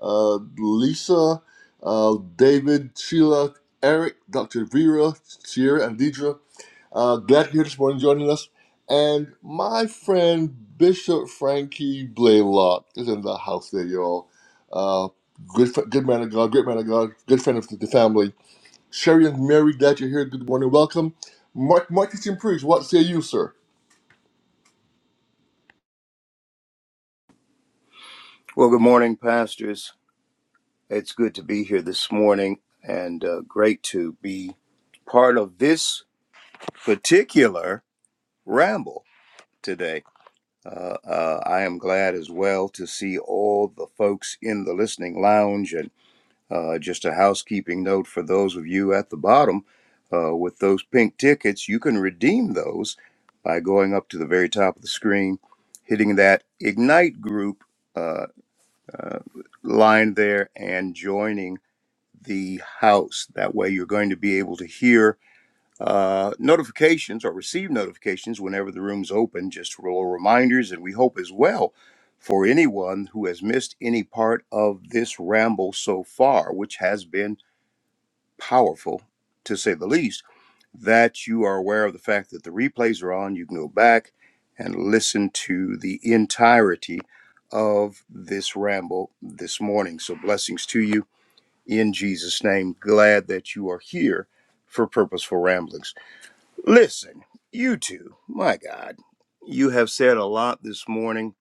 A: Uh, Lisa, uh, David, Sheila, Eric, Dr. Vera, Sierra, and Deidre. Uh, glad you're here this morning joining us. And my friend Bishop Frankie Blaylock is in the house there, y'all. Uh, good, fr- good man of God, great man of God, good friend of the family Sherry and Mary, glad you're here. Good morning. Welcome. Mark Marcus and Preach, what say you, sir?
B: Well, good morning, pastors. It's good to be here this morning and uh, great to be part of this particular ramble today. Uh, uh, I am glad as well to see all the folks in the listening lounge and. Uh, just a housekeeping note for those of you at the bottom uh, with those pink tickets, you can redeem those by going up to the very top of the screen, hitting that Ignite group uh, uh, line there, and joining the house. That way, you're going to be able to hear uh, notifications or receive notifications whenever the room's open, just little reminders, and we hope as well. For anyone who has missed any part of this ramble so far, which has been powerful, to say the least, that you are aware of the fact that the replays are on. You can go back and listen to the entirety of this ramble this morning. So, blessings to you in Jesus' name. Glad that you are here for Purposeful Ramblings. Listen, you two, my God, you have said a lot this morning.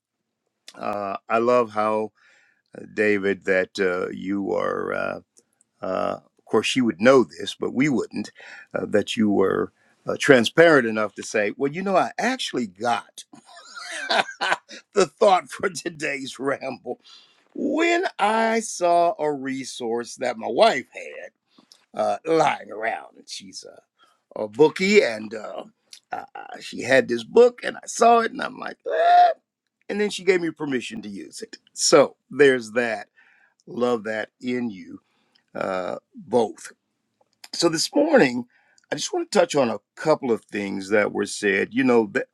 B: Uh, I love how, uh, David, that uh, you are. Uh, uh, of course, you would know this, but we wouldn't, uh, that you were uh, transparent enough to say, well, you know, I actually got the thought for today's ramble when I saw a resource that my wife had uh, lying around. And she's a, a bookie, and uh, uh, uh, she had this book, and I saw it, and I'm like, "Ah, and then she gave me permission to use it. So there's that. Love that in you uh, both. So this morning, I just want to touch on a couple of things that were said. You know, th-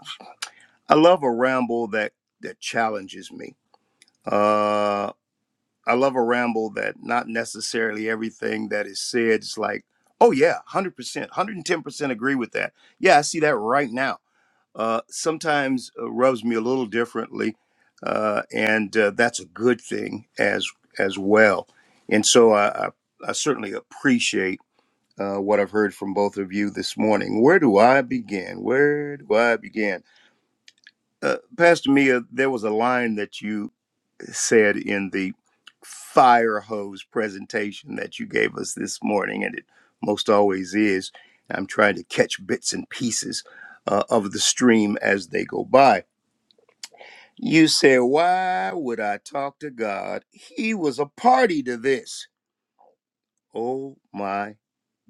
B: I love a ramble that that challenges me. Uh, I love a ramble that not necessarily everything that is said is like, oh yeah, one hundred percent, one hundred and ten percent agree with that. Yeah, I see that right now. Uh, sometimes uh, rubs me a little differently, uh, and uh, that's a good thing as as well. And so I, I, I certainly appreciate uh, what I've heard from both of you this morning. Where do I begin? Where do I begin? Uh, Pastor Mia, there was a line that you said in the fire hose presentation that you gave us this morning, and it most always is. I'm trying to catch bits and pieces uh, of the stream as they go by. You said, Why would I talk to God? He was a party to this. Oh my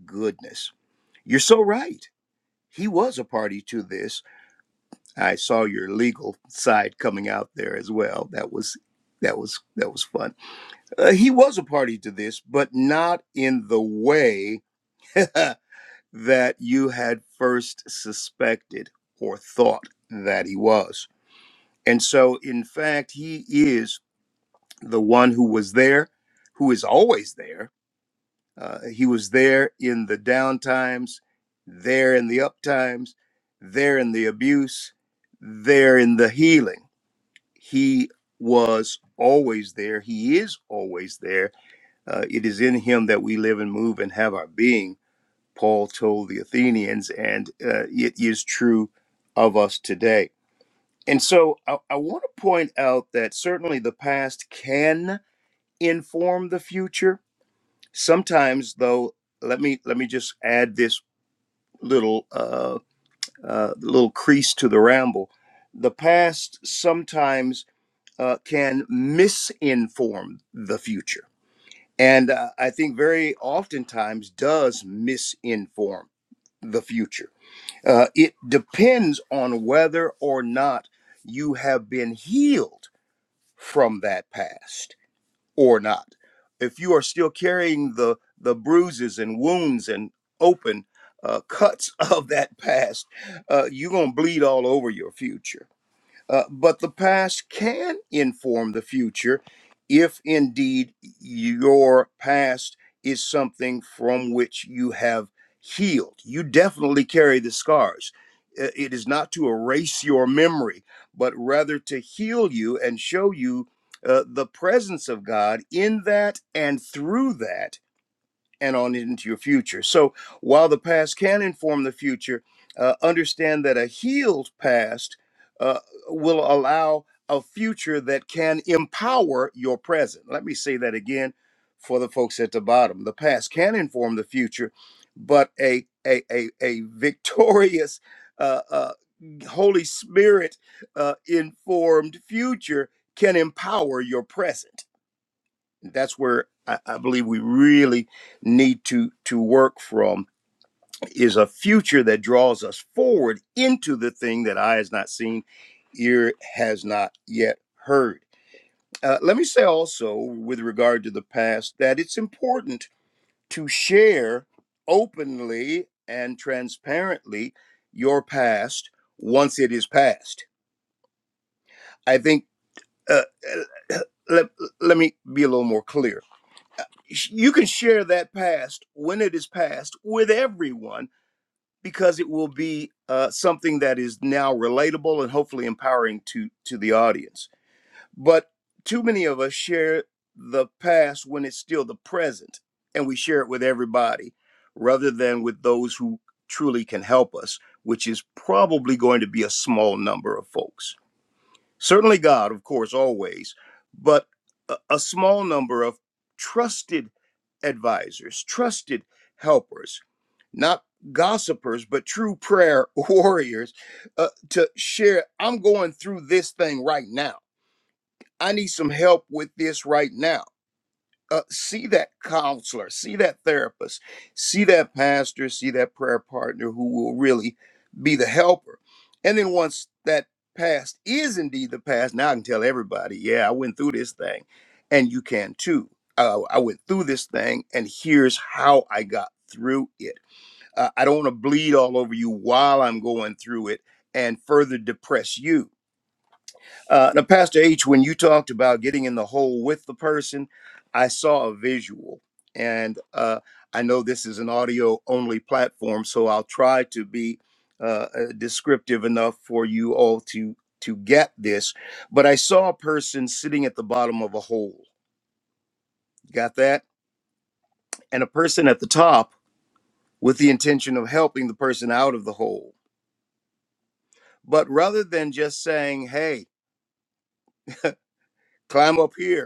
B: goodness. You're so right He was a party to this. I saw your legal side coming out there as well. That was that was that was fun. Uh, he was a party to this, but not in the way that you had first suspected or thought that he was. And so in fact, he is the one who was there, who is always there Uh, he was there in the down times, there in the up times, there in the abuse, there in the healing. He was always there. He is always there. Uh, it is in him that we live and move and have our being, Paul told the Athenians, and uh, it is true of us today. And so I, I want to point out that certainly the past can inform the future Sometimes, though, let me let me just add this little uh, uh, little crease to the ramble. The past sometimes uh, can misinform the future, and uh, I think very oftentimes does misinform the future. Uh, it depends on whether or not you have been healed from that past or not. If you are still carrying the the bruises and wounds and open uh, cuts of that past, uh, you're gonna bleed all over your future uh, but the past can inform the future if indeed your past is something from which you have healed. You definitely carry the scars. Uh, It is not to erase your memory, but rather to heal you and show you uh, the presence of God in that and through that and on into your future. So while the past can inform the future, uh, understand that a healed past uh, will allow a future that can empower your present. Let me say that again for the folks at the bottom. The past can inform the future, but a a a, a victorious uh, uh, Holy Spirit uh, informed future can empower your present that's where I, I believe we really need to to work from is a future that draws us forward into the thing that eye has not seen, ear has not yet heard. Uh, let me say also with regard to the past that it's important to share openly and transparently your past once it is past. I think uh, let, let me be a little more clear you can share that past when it is past with everyone because it will be uh, something that is now relatable and hopefully empowering to to the audience but too many of us share the past when it's still the present and we share it with everybody rather than with those who truly can help us which is probably going to be a small number of folks Certainly God, of course, always, but a, a small number of trusted advisors, trusted helpers, not gossipers, but true prayer warriors uh, to share. I'm going through this thing right now. I need some help with this right now uh, see that counselor, see that therapist, see that pastor, see that prayer partner who will really be the helper. And then once that past is indeed the past, now I can tell everybody, yeah, I went through this thing, and you can too. Uh, I went through this thing, and here's how I got through it. Uh, I don't want to bleed all over you while I'm going through it and further depress you uh, now, Pastor H, when you talked about getting in the hole with the person, I saw a visual. And uh, I know this is an audio only platform, so I'll try to be uh, uh, descriptive enough for you all to, to get this. But I saw a person sitting at the bottom of a hole. Got that? And a person at the top with the intention of helping the person out of the hole. But rather than just saying, hey, climb up here,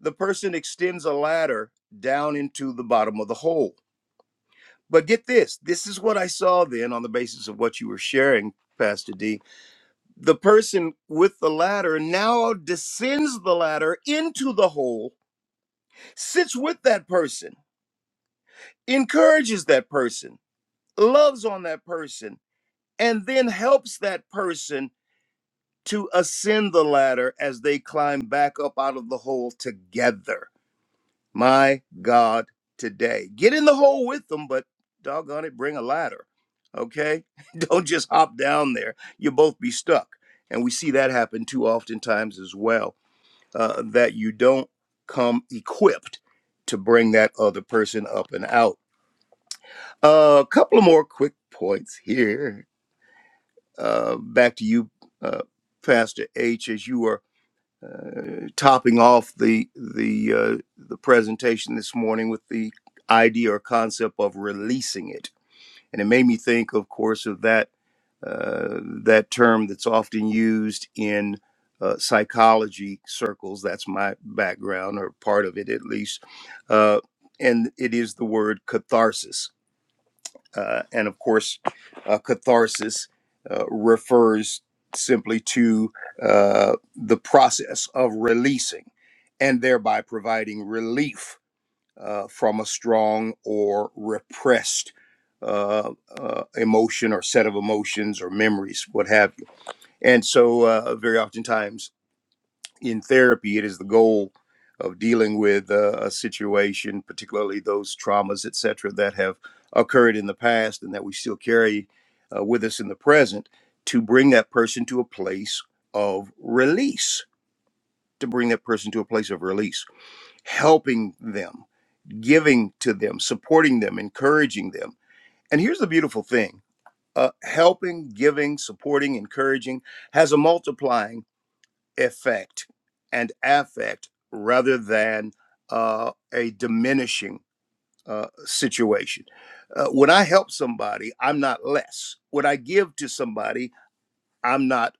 B: the person extends a ladder down into the bottom of the hole. But get this this is what I saw then on the basis of what you were sharing, Pastor D. The person with the ladder now descends the ladder into the hole, sits with that person, encourages that person, loves on that person, and then helps that person to ascend the ladder as they climb back up out of the hole together my God today. Get in the hole with them, but doggone it, bring a ladder. Okay? Don't just hop down there. You'll both be stuck. And we see that happen too oftentimes as well, uh, that you don't come equipped to bring that other person up and out. a couple of more quick points here. Uh, back to you, uh, Pastor H, as you were uh, topping off the the uh, the presentation this morning with the idea or concept of releasing it, and it made me think, of course, of that uh, that term that's often used in uh, psychology circles. That's my background or part of it, at least, uh, and it is the word catharsis uh, and of course, uh, catharsis uh, refers simply to uh, the process of releasing and thereby providing relief uh, from a strong or repressed uh, uh, emotion or set of emotions or memories, what have you. And so, uh, very oftentimes, in therapy, it is the goal of dealing with uh, a situation, particularly those traumas, et cetera, that have occurred in the past and that we still carry uh, with us in the present, to bring that person to a place of release, to bring that person to a place of release, helping them, giving to them, supporting them, encouraging them. And here's the beautiful thing. Uh, helping, giving, supporting, encouraging has a multiplying effect and affect rather than uh, a diminishing uh, situation. Uh, when I help somebody, I'm not less. When I give to somebody, I'm not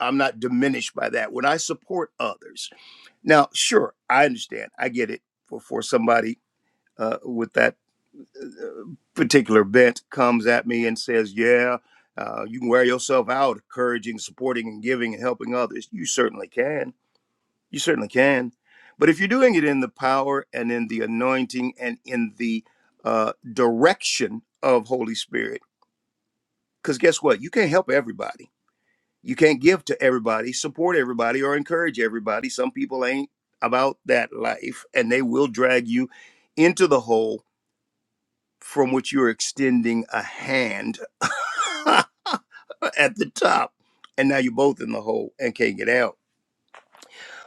B: I'm not diminished by that. When I support others, now sure, I understand, I get it. For for somebody uh, with that uh, particular bent comes at me and says, "Yeah." Uh, you can wear yourself out encouraging, supporting, and giving and helping others. You certainly can You certainly can. But if you're doing it in the power and in the anointing and in the uh, direction of Holy Spirit, because guess what? You can't help everybody. You can't give to everybody, support everybody, or encourage everybody. Some people ain't about that life, and they will drag you into the hole from which you're extending a hand at the top. And now you're both in the hole and can't get out.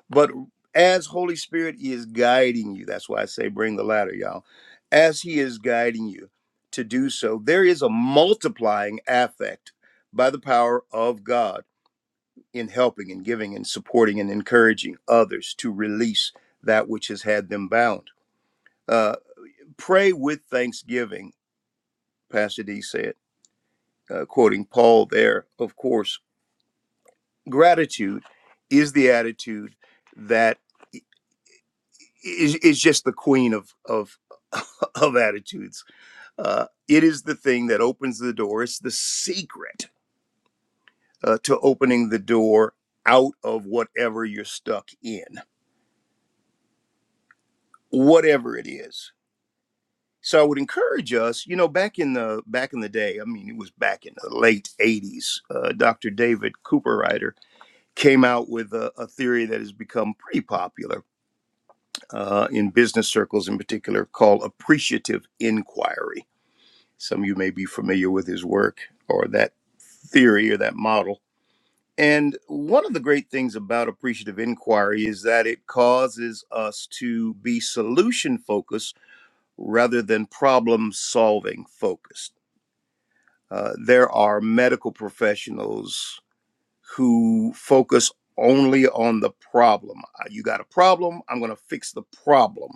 B: But as Holy Spirit is guiding you, that's why I say bring the ladder, y'all. As He is guiding you to do so, there is a multiplying affect by the power of God in helping and giving and supporting and encouraging others to release that which has had them bound. Uh, pray with thanksgiving, Pastor D said, uh, quoting Paul there, of course Gratitude is the attitude that is is, just the queen of of of attitudes. Uh, it is the thing that opens the door. It's the secret uh, to opening the door out of whatever you're stuck in, whatever it is. So I would encourage us, you know, back in the back in the day, I mean, it was back in the late '80s. Uh, Dr. David Cooper came out with a, a theory that has become pretty popular uh, in business circles in particular call appreciative inquiry. Some of you may be familiar with his work or that theory or that model. And one of the great things about appreciative inquiry is that it causes us to be solution focused rather than problem solving focused. Uh, there are medical professionals who focus only on the problem. Uh, You got a problem, I'm going to fix the problem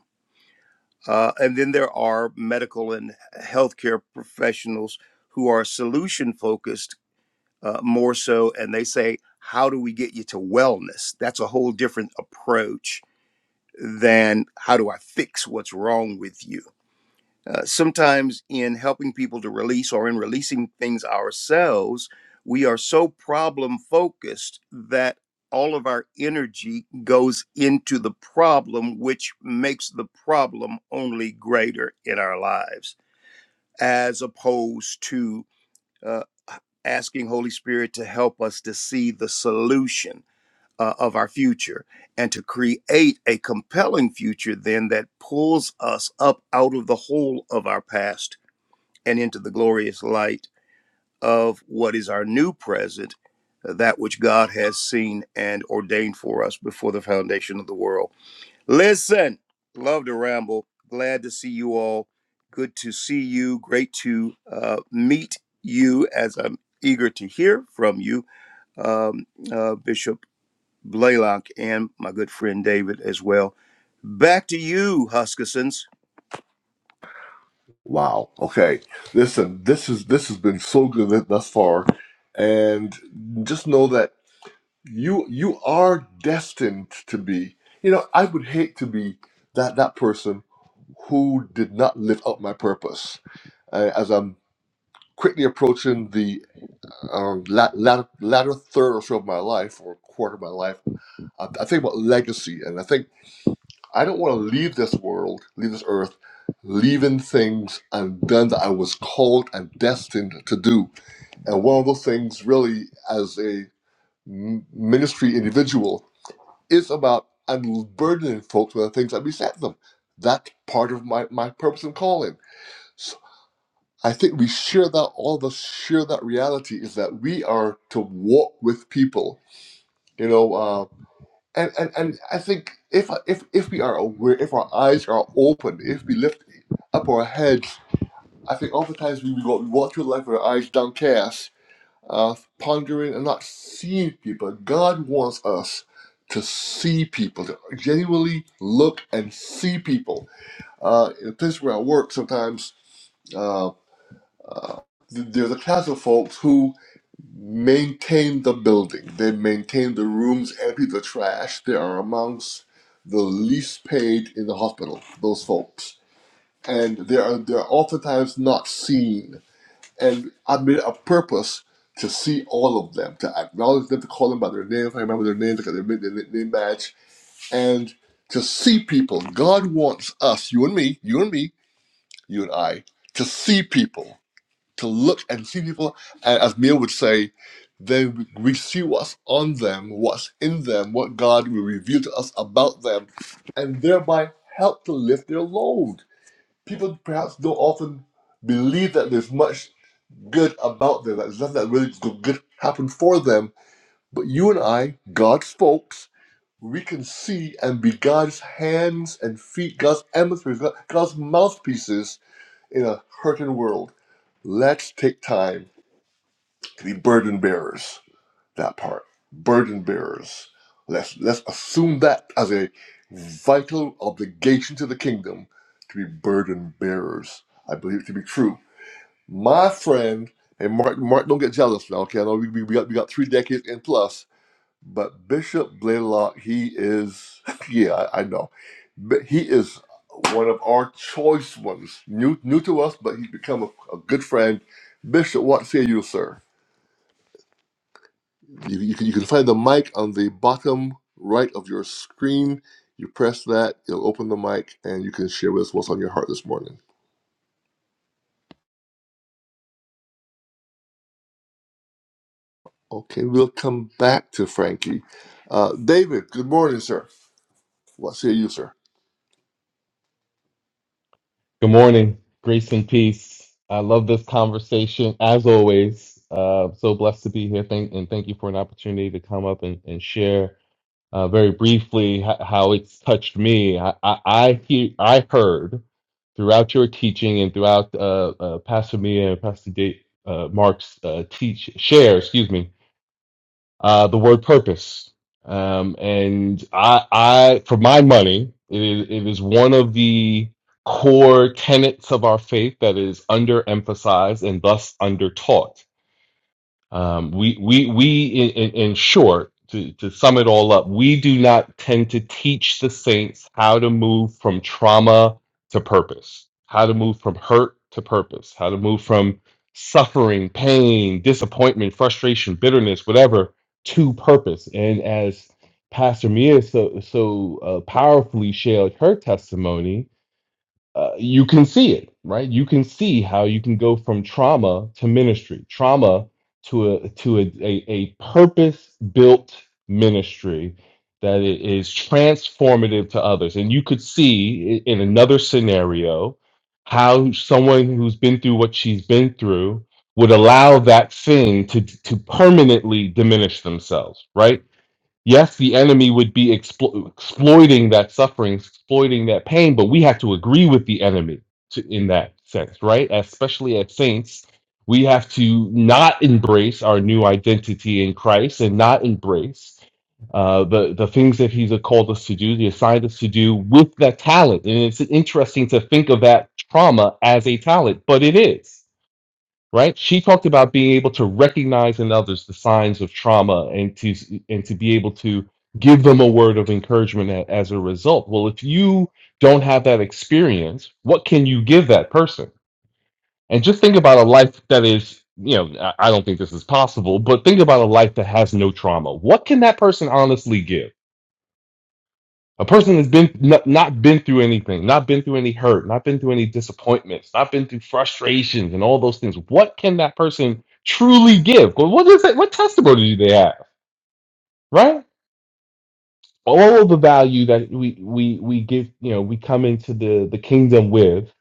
B: Uh, and then there are medical and healthcare professionals who are solution focused uh, more so, and they say, How do we get you to wellness? That's a whole different approach than how do I fix what's wrong with you? Uh, sometimes in helping people to release or in releasing things ourselves, we are so problem focused that all of our energy goes into the problem, which makes the problem only greater in our lives, as opposed to uh, asking Holy Spirit to help us to see the solution uh, of our future and to create a compelling future then that pulls us up out of the hole of our past and into the glorious light of what is our new present, uh, that which God has seen and ordained for us before the foundation of the world. Listen, love to ramble. Glad to see you all. Good to see you. Great to uh, meet you as I'm eager to hear from you, um, uh, Bishop Blaylock and my good friend David as well. Back to you, Huskissons.
A: Wow. Okay. Listen, this is this has been so good th- thus far. And just know that you you are destined to be. You know, I would hate to be that that person who did not live up my purpose. Uh, as I'm quickly approaching the um, la- latter, latter third or so of my life or quarter of my life, I, I think about legacy. And I think I don't want to leave this world, leave this earth, leaving things undone that I was called and destined to do. And one of those things, really, as a m- ministry individual, is about unburdening folks with the things that beset them. That's part of my, my purpose and calling. So I think we share that, all of us share that reality is that we are to walk with people. You know, uh, and and, and I think if if if we are aware, if our eyes are open, if we lift up our heads, I think oftentimes we, we go we walk through life with our eyes downcast, uh, pondering and not seeing people. God wants us to see people, to genuinely look and see people. Uh, in the place where I work, sometimes uh, th- there's a class of folks who maintain the building. They maintain the rooms, empty the trash. They are amongst the least paid in the hospital, those folks. And they are they're oftentimes not seen. And I made it a purpose to see all of them, to acknowledge them, to call them by their names. I remember their names, I got their mid- their name badge. And to see people. God wants us, you and me, you and me, you and I, to see people to look and see people, and as Neil would say, then we see what's on them, what's in them, what God will reveal to us about them, and thereby help to lift their load. People perhaps don't often believe that there's much good about them, that there's nothing that really good good happened for them. But you and I, God's folks, we can see and be God's hands and feet, God's emissaries, God's mouthpieces in a hurting world. Let's take time to be burden bearers. That part, burden bearers. Let's let's assume that as a vital obligation to the kingdom to be burden bearers. I believe it to be true. My friend, and Mark, Mark, don't get jealous now. Okay, I know we, we, we got we got three decades and plus, but Bishop Blaylock, he is yeah, I, I know, but he is one of our choice ones. New new to us, but he's become a, a good friend. Bishop, what say you, sir? You, you, can, you can find the mic on the bottom right of your screen. You press that, it'll open the mic, and you can share with us what's on your heart this morning. Okay, we'll come back to Frankie. Uh, David, good morning, sir. What say you, sir?
D: Good morning. Grace and peace. I love this conversation as always. Uh, so blessed to be here. Thank and thank you for an opportunity to come up and, and share uh, very briefly ho- how it's touched me. I, I, I, he- I heard throughout your teaching and throughout uh, uh, Pastor Mia and Pastor Dave, uh, Mark's uh, teach share. Excuse me uh, the word purpose. Um, and I, I, for my money, it is, it is one of the core tenets of our faith that is underemphasized and thus undertaught. Um, we we we in, in, in short, to, to sum it all up, we do not tend to teach the saints how to move from trauma to purpose, how to move from hurt to purpose, how to move from suffering, pain, disappointment, frustration, bitterness, whatever, to purpose. And as Pastor Mia so so uh, powerfully shared her testimony, uh, you can see it, right? You can see how you can go from trauma to ministry, trauma to a to a, a, a purpose built ministry that i- is transformative to others. And you could see i- in another scenario how someone who's been through what she's been through would allow that thing to to permanently diminish themselves, right? yes, the enemy would be explo- exploiting that suffering, exploiting that pain, but we have to agree with the enemy to, in that sense, right? Especially as saints, we have to not embrace our new identity in Christ and not embrace uh, the the things that He's called us to do, the assigned us to do with that talent. And it's interesting to think of that trauma as a talent, but it is right? She talked about being able to recognize in others the signs of trauma and to and to be able to give them a word of encouragement a- as a result. Well, if you don't have that experience, what can you give that person? And just think about a life that is, you know, I I don't think this is possible, but think about a life that has no trauma. What can that person honestly give? A person has been not, not been through anything, not been through any hurt, not been through any disappointments, not been through frustrations and all those things. What can that person truly give? Well, What is it? What testimony do they have? Right? All of the value that we we we give, you know, we come into the the kingdom with,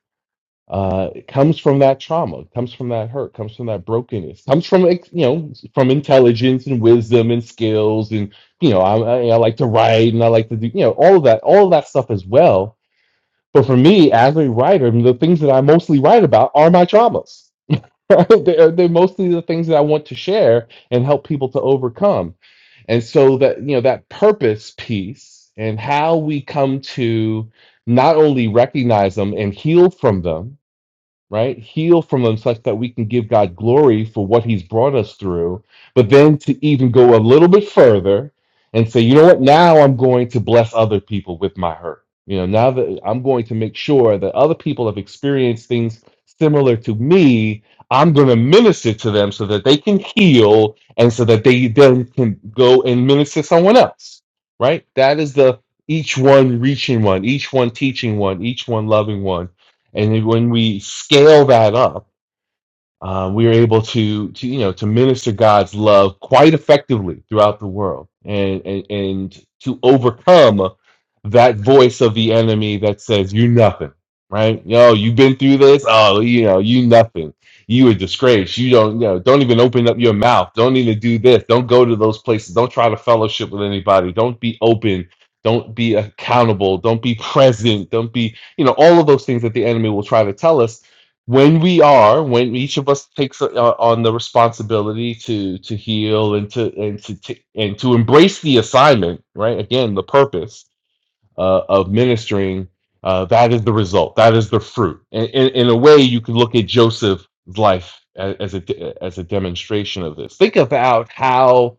D: uh, it comes from that trauma, it comes from that hurt, comes from that brokenness, comes from like, you know from intelligence and wisdom and skills and you know I, I I like to write and I like to do you know all of that all of that stuff as well But for me, as a writer, the things that I mostly write about are my traumas. Right? they're, they're mostly the things that I want to share and help people to overcome. And so that, you know, that purpose piece and how we come to not only recognize them and heal from them, right? Heal from them such that we can give God glory for what He's brought us through. But then to even go a little bit further and say, you know what, now I'm going to bless other people with my hurt. You know, now that I'm going to make sure that other people have experienced things similar to me, I'm going to minister to them so that they can heal and so that they then can go and minister to someone else, right? That is the each one reaching one, each one teaching one, each one loving one and when we scale that up, uh, we are able to, to, you know, to minister God's love quite effectively throughout the world, and and, and to overcome that voice of the enemy that says you nothing, right? Yo, you've been through this. Oh, you know, you nothing. You a disgrace. You don't, you know, don't even open up your mouth. Don't even do this. Don't go to those places. Don't try to fellowship with anybody. Don't be open. Don't be accountable. Don't be present. Don't be, you know, all of those things that the enemy will try to tell us when we are when each of us takes uh, on the responsibility to to heal and to and to, to and to embrace the assignment right again the purpose uh, of ministering, uh, that is the result. That is the fruit. And, in in a way, you can look at Joseph's life as, as a as a demonstration of this. Think about how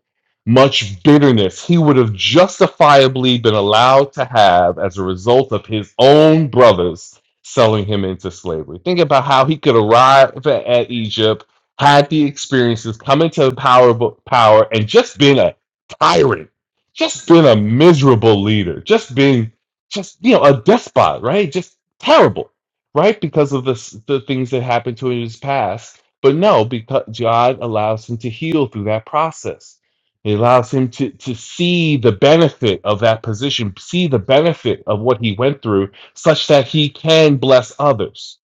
D: much bitterness he would have justifiably been allowed to have as a result of his own brothers selling him into slavery. Think about how he could arrive at, at Egypt, had the experiences, come into power, power, and just been a tyrant just been a miserable leader, just been just you know a despot, right? Just terrible, right? Because of the s- the things that happened to him in his past. But no, because God allows him to heal through that process. He allows him to to see the benefit of that position, see the benefit of what he went through, such that he can bless others.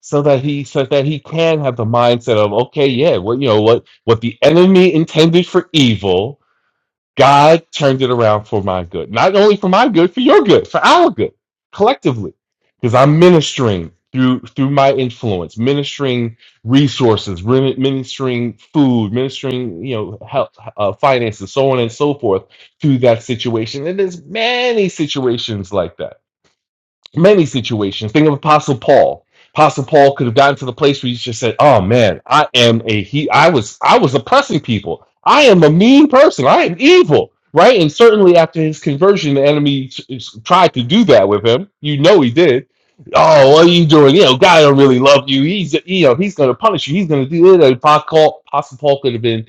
D: So that he so that he can have the mindset of okay, yeah, well, you know what what the enemy intended for evil, God turned it around for my good. Not only for my good, for your good, for our good, collectively. Because I'm ministering through through my influence, ministering resources, re- ministering food, ministering you know health, uh, finances, so on and so forth through that situation. And there's many situations like that many situations. Think of Apostle Paul. Apostle Paul could have gotten to the place where he just said, "Oh man, I am a he. I was I was oppressing people. I am a mean person. I am evil." Right, and certainly after his conversion, the enemy s- s- tried to do that with him. You know he did. Oh, what are you doing? You know, God don't really love you. He's you know he's going to punish you. He's going to do it. Apostle Paul, Apostle Paul could have been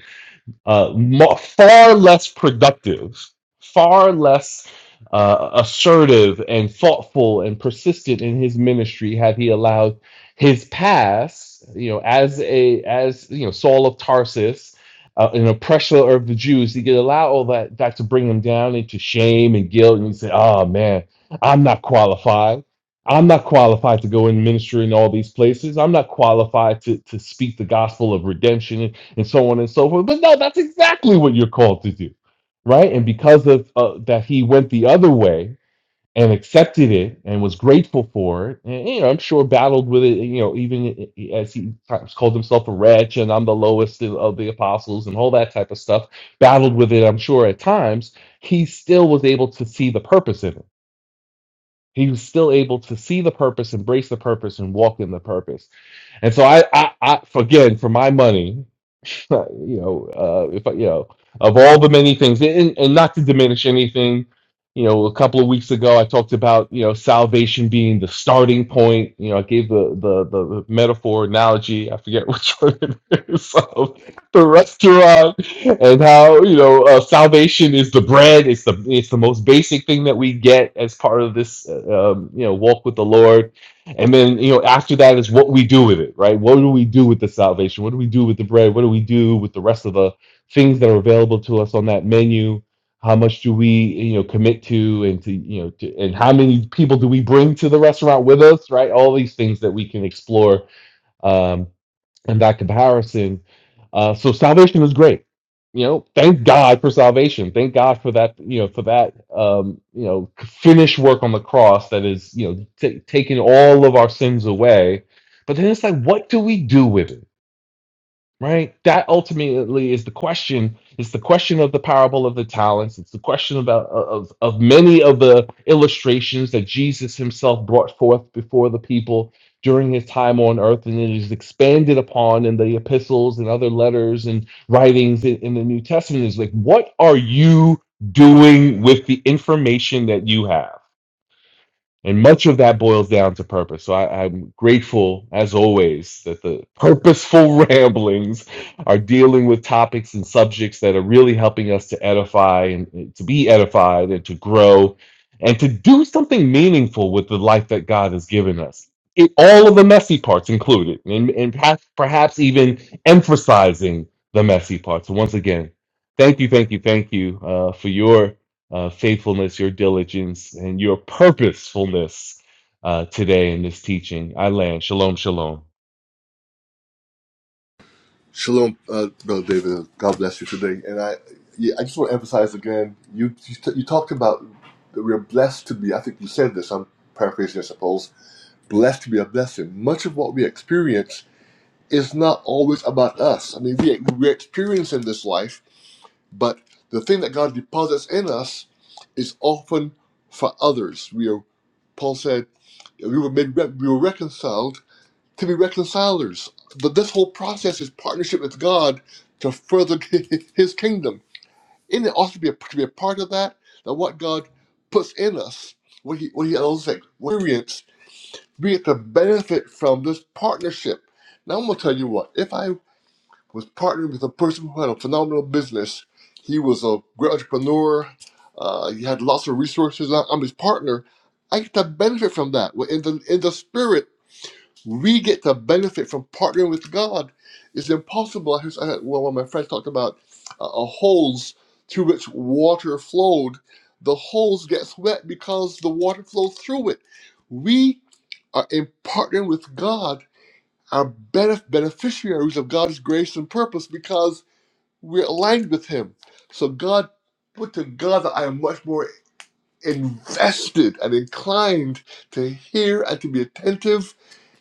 D: uh, mo- far less productive, far less uh, assertive and thoughtful and persistent in his ministry had he allowed his past, you know, as a as you know Saul of Tarsus, uh, an oppressor of the Jews, he could allow all that that to bring him down into shame and guilt, and he say, "Oh man, I'm not qualified." I'm not qualified to go and minister in all these places. I'm not qualified to, to speak the gospel of redemption and so on and so forth. But no, that's exactly what you're called to do, right? And because of uh, that, he went the other way and accepted it and was grateful for it. And you know, I'm sure battled with it. You know, even as he times called himself a wretch and I'm the lowest of of the apostles and all that type of stuff. Battled with it, I'm sure at times. He still was able to see the purpose in it he was still able to see the purpose, embrace the purpose, and walk in the purpose. And so I, I, I again, for my money, you know, uh, if I, you know, of all the many things, and, and not to diminish anything, you know, a couple of weeks ago I talked about you know salvation being the starting point. You know, I gave the the the metaphor analogy. I forget which one it is. Of the restaurant and how you know uh, salvation is the bread it's the it's the most basic thing that we get as part of this uh, um, you know walk with the lord and then you know after that is what we do with it right what do we do with the salvation what do we do with the bread what do we do with the rest of the things that are available to us on that menu how much do we you know commit to and to you know to, and how many people do we bring to the restaurant with us right all these things that we can explore um, and that comparison. Uh, so salvation is great. You know, thank God for salvation. Thank God for that. You know, for that. Um, you know, finished work on the cross that is you know t- taking all of our sins away. But then it's like, what do we do with it? right that ultimately is the question it's the question of the parable of the talents it's the question about of of many of the illustrations that jesus himself brought forth before the people during his time on earth and it is expanded upon in the epistles and other letters and writings in, in the new testament is like what are you doing with the information that you have and much of that boils down to purpose. So I, I'm grateful, as always, that the purposeful ramblings are dealing with topics and subjects that are really helping us to edify and to be edified and to grow and to do something meaningful with the life that God has given us. It, all of the messy parts included, and, and perhaps perhaps even emphasizing the messy parts. So once again, thank you, thank you, thank you uh, for your uh, faithfulness, your diligence, and your purposefulness uh, today in this teaching. I land. Shalom, shalom.
A: Shalom, uh, Brother David. God bless you today. And I, yeah, I just want to emphasize again. You you, t- you talked about that we're blessed to be. I think you said this. I'm paraphrasing, I suppose. Blessed to be a blessing. Much of what we experience it's not always about us. I mean, we, we're experiencing this life, but the thing that God deposits in us is often for others. We are, Paul said, we were made, we were reconciled to be reconcilers. But this whole process is partnership with God to further His kingdom. Isn't it also to be a, to be a part of that? That what God puts in us, what He what He allows us to experience, we get to benefit from this partnership. Now I'm gonna tell you what. if I was partnered with a person who had a phenomenal business. He was a great entrepreneur. Uh, he had lots of resources. I- I'm his partner. I get to benefit from that. Well, In the in the spirit, we get to benefit from partnering with God. It's impossible. I heard, I heard- well, one of my friends talked about uh, uh, holes through which water flowed. The holes gets wet because the water flows through it. We are in partnering with God, are benef- beneficiaries of God's grace and purpose because we're aligned with Him. So God, put to God that I am much more invested and inclined to hear and to be attentive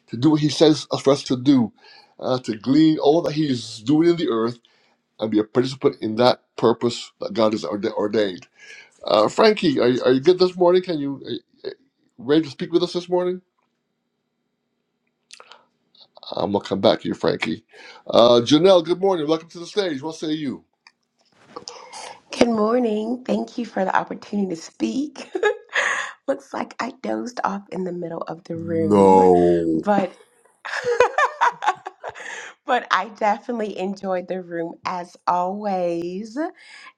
A: to do what He says for us to do, uh, to glean all that He is doing in the earth and be a participant in that purpose that God has orde- ordained. Uh, Frankie, are you, are you good this morning? Can you are you ready to speak with us this morning? I'm gonna come back to you, Frankie. Uh, Janelle, good morning. Welcome to the stage. What say you?
E: Good morning. Thank you for the opportunity to speak. Looks like I dozed off in the middle of the room,
A: No.
E: but but I definitely enjoyed the room as always.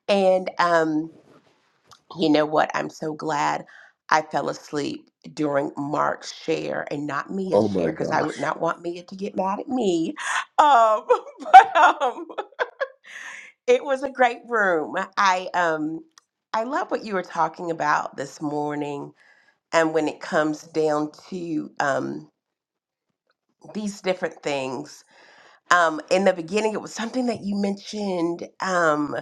E: And um, you know what? I'm so glad I fell asleep during Mark's share and not Mia's
A: Oh my
E: share because I
A: gosh.
E: would not want Mia to get mad at me. Um, but um, it was a great room. I um I love what you were talking about this morning and when it comes down to um these different things. Um in the beginning it was something that you mentioned um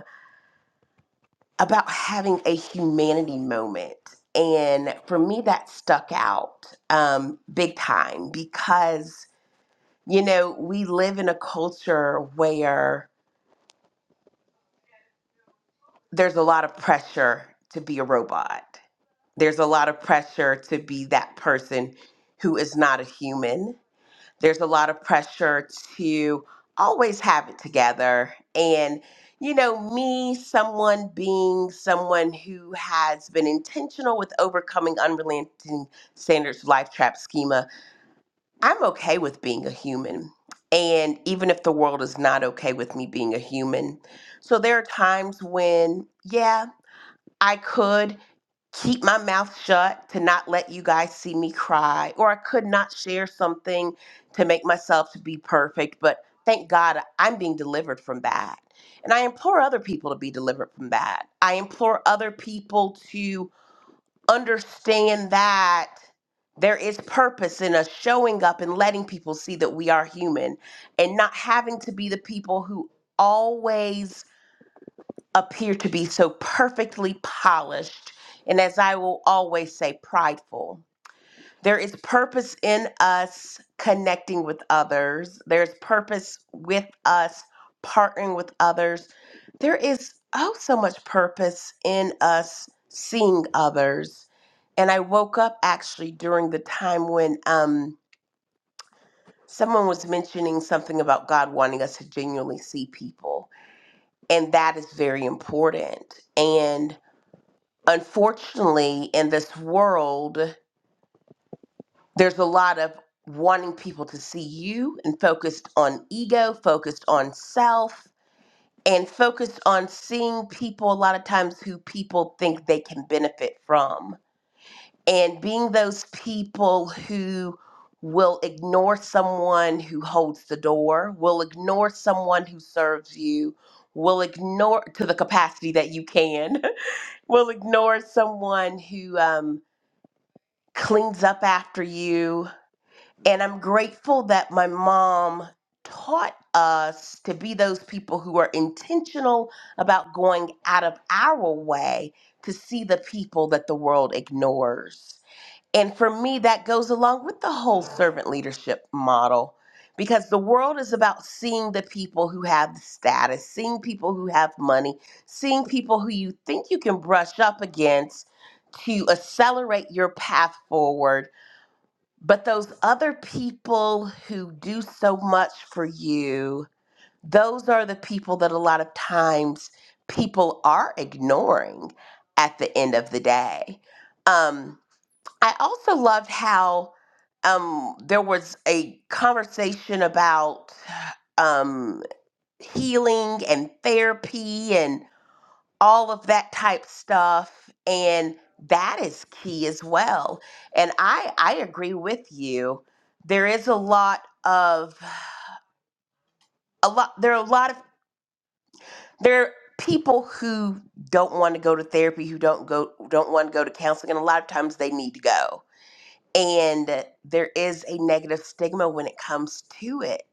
E: about having a humanity moment. And for me that stuck out um big time because you know, we live in a culture where there's a lot of pressure to be a robot There's a lot of pressure to be that person who is not a human. There's a lot of pressure to always have it together. And, you know, me, someone being someone who has been intentional with overcoming unrelenting standards, life trap schema, I'm okay with being a human. And even if the world is not okay with me being a human, so there are times when, yeah, I could keep my mouth shut to not let you guys see me cry or i could not share something to make myself to be perfect but thank god i'm being delivered from that and i implore other people to be delivered from that i implore other people to understand that there is purpose in us showing up and letting people see that we are human and not having to be the people who always appear to be so perfectly polished and, as I will always say, prideful. There is purpose in us connecting with others, there's purpose with us partnering with others. There is oh so much purpose in us seeing others. And I woke up actually during the time when um, someone was mentioning something about God wanting us to genuinely see people. And that is very important. And unfortunately, in this world, there's a lot of wanting people to see you and focused on ego, focused on self, and focused on seeing people a lot of times who people think they can benefit from. And being those people who will ignore someone who holds the door, will ignore someone who serves you, will ignore to the capacity that you can, will ignore someone who um, cleans up after you. And I'm grateful that my mom taught us to be those people who are intentional about going out of our way to see the people that the world ignores. And for me, that goes along with the whole servant leadership model because the world is about seeing the people who have the status, seeing people who have money, seeing people who you think you can brush up against to accelerate your path forward but those other people who do so much for you, those are the people that a lot of times people are ignoring at the end of the day. Um, I also loved how um, there was a conversation about um, healing and therapy, and all of that type stuff and that is key as well and i i agree with you there is a lot of a lot there are a lot of there are people who don't want to go to therapy who don't go don't want to go to counseling and a lot of times they need to go and there is a negative stigma when it comes to it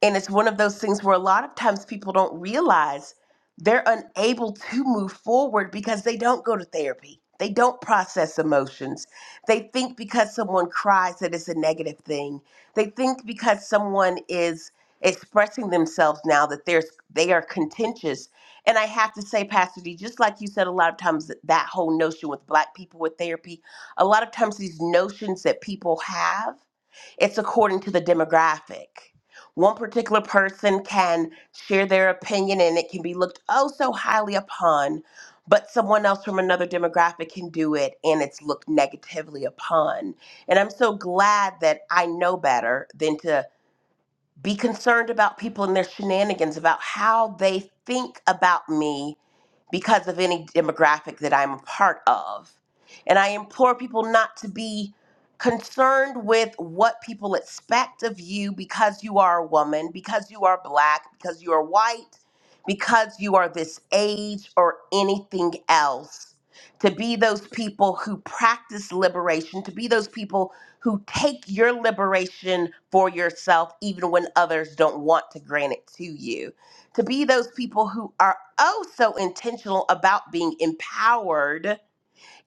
E: And it's one of those things where a lot of times people don't realize they're unable to move forward because they don't go to therapy. They don't process emotions. They think because someone cries that it's a negative thing. They think because someone is expressing themselves now that there's they are contentious. And I have to say, Pastor D, just like you said, a lot of times that that whole notion with black people with therapy, a lot of times these notions that people have, it's according to the demographic one particular person can share their opinion and it can be looked oh so highly upon, but someone else from another demographic can do it and it's looked negatively upon. And I'm so glad that I know better than to be concerned about people and their shenanigans about how they think about me because of any demographic that I'm a part of. And I implore people not to be concerned with what people expect of you because you are a woman, because you are black, because you are white, because you are this age or anything else. To be those people who practice liberation, to be those people who take your liberation for yourself, even when others don't want to grant it to you to be those people who are oh so intentional about being empowered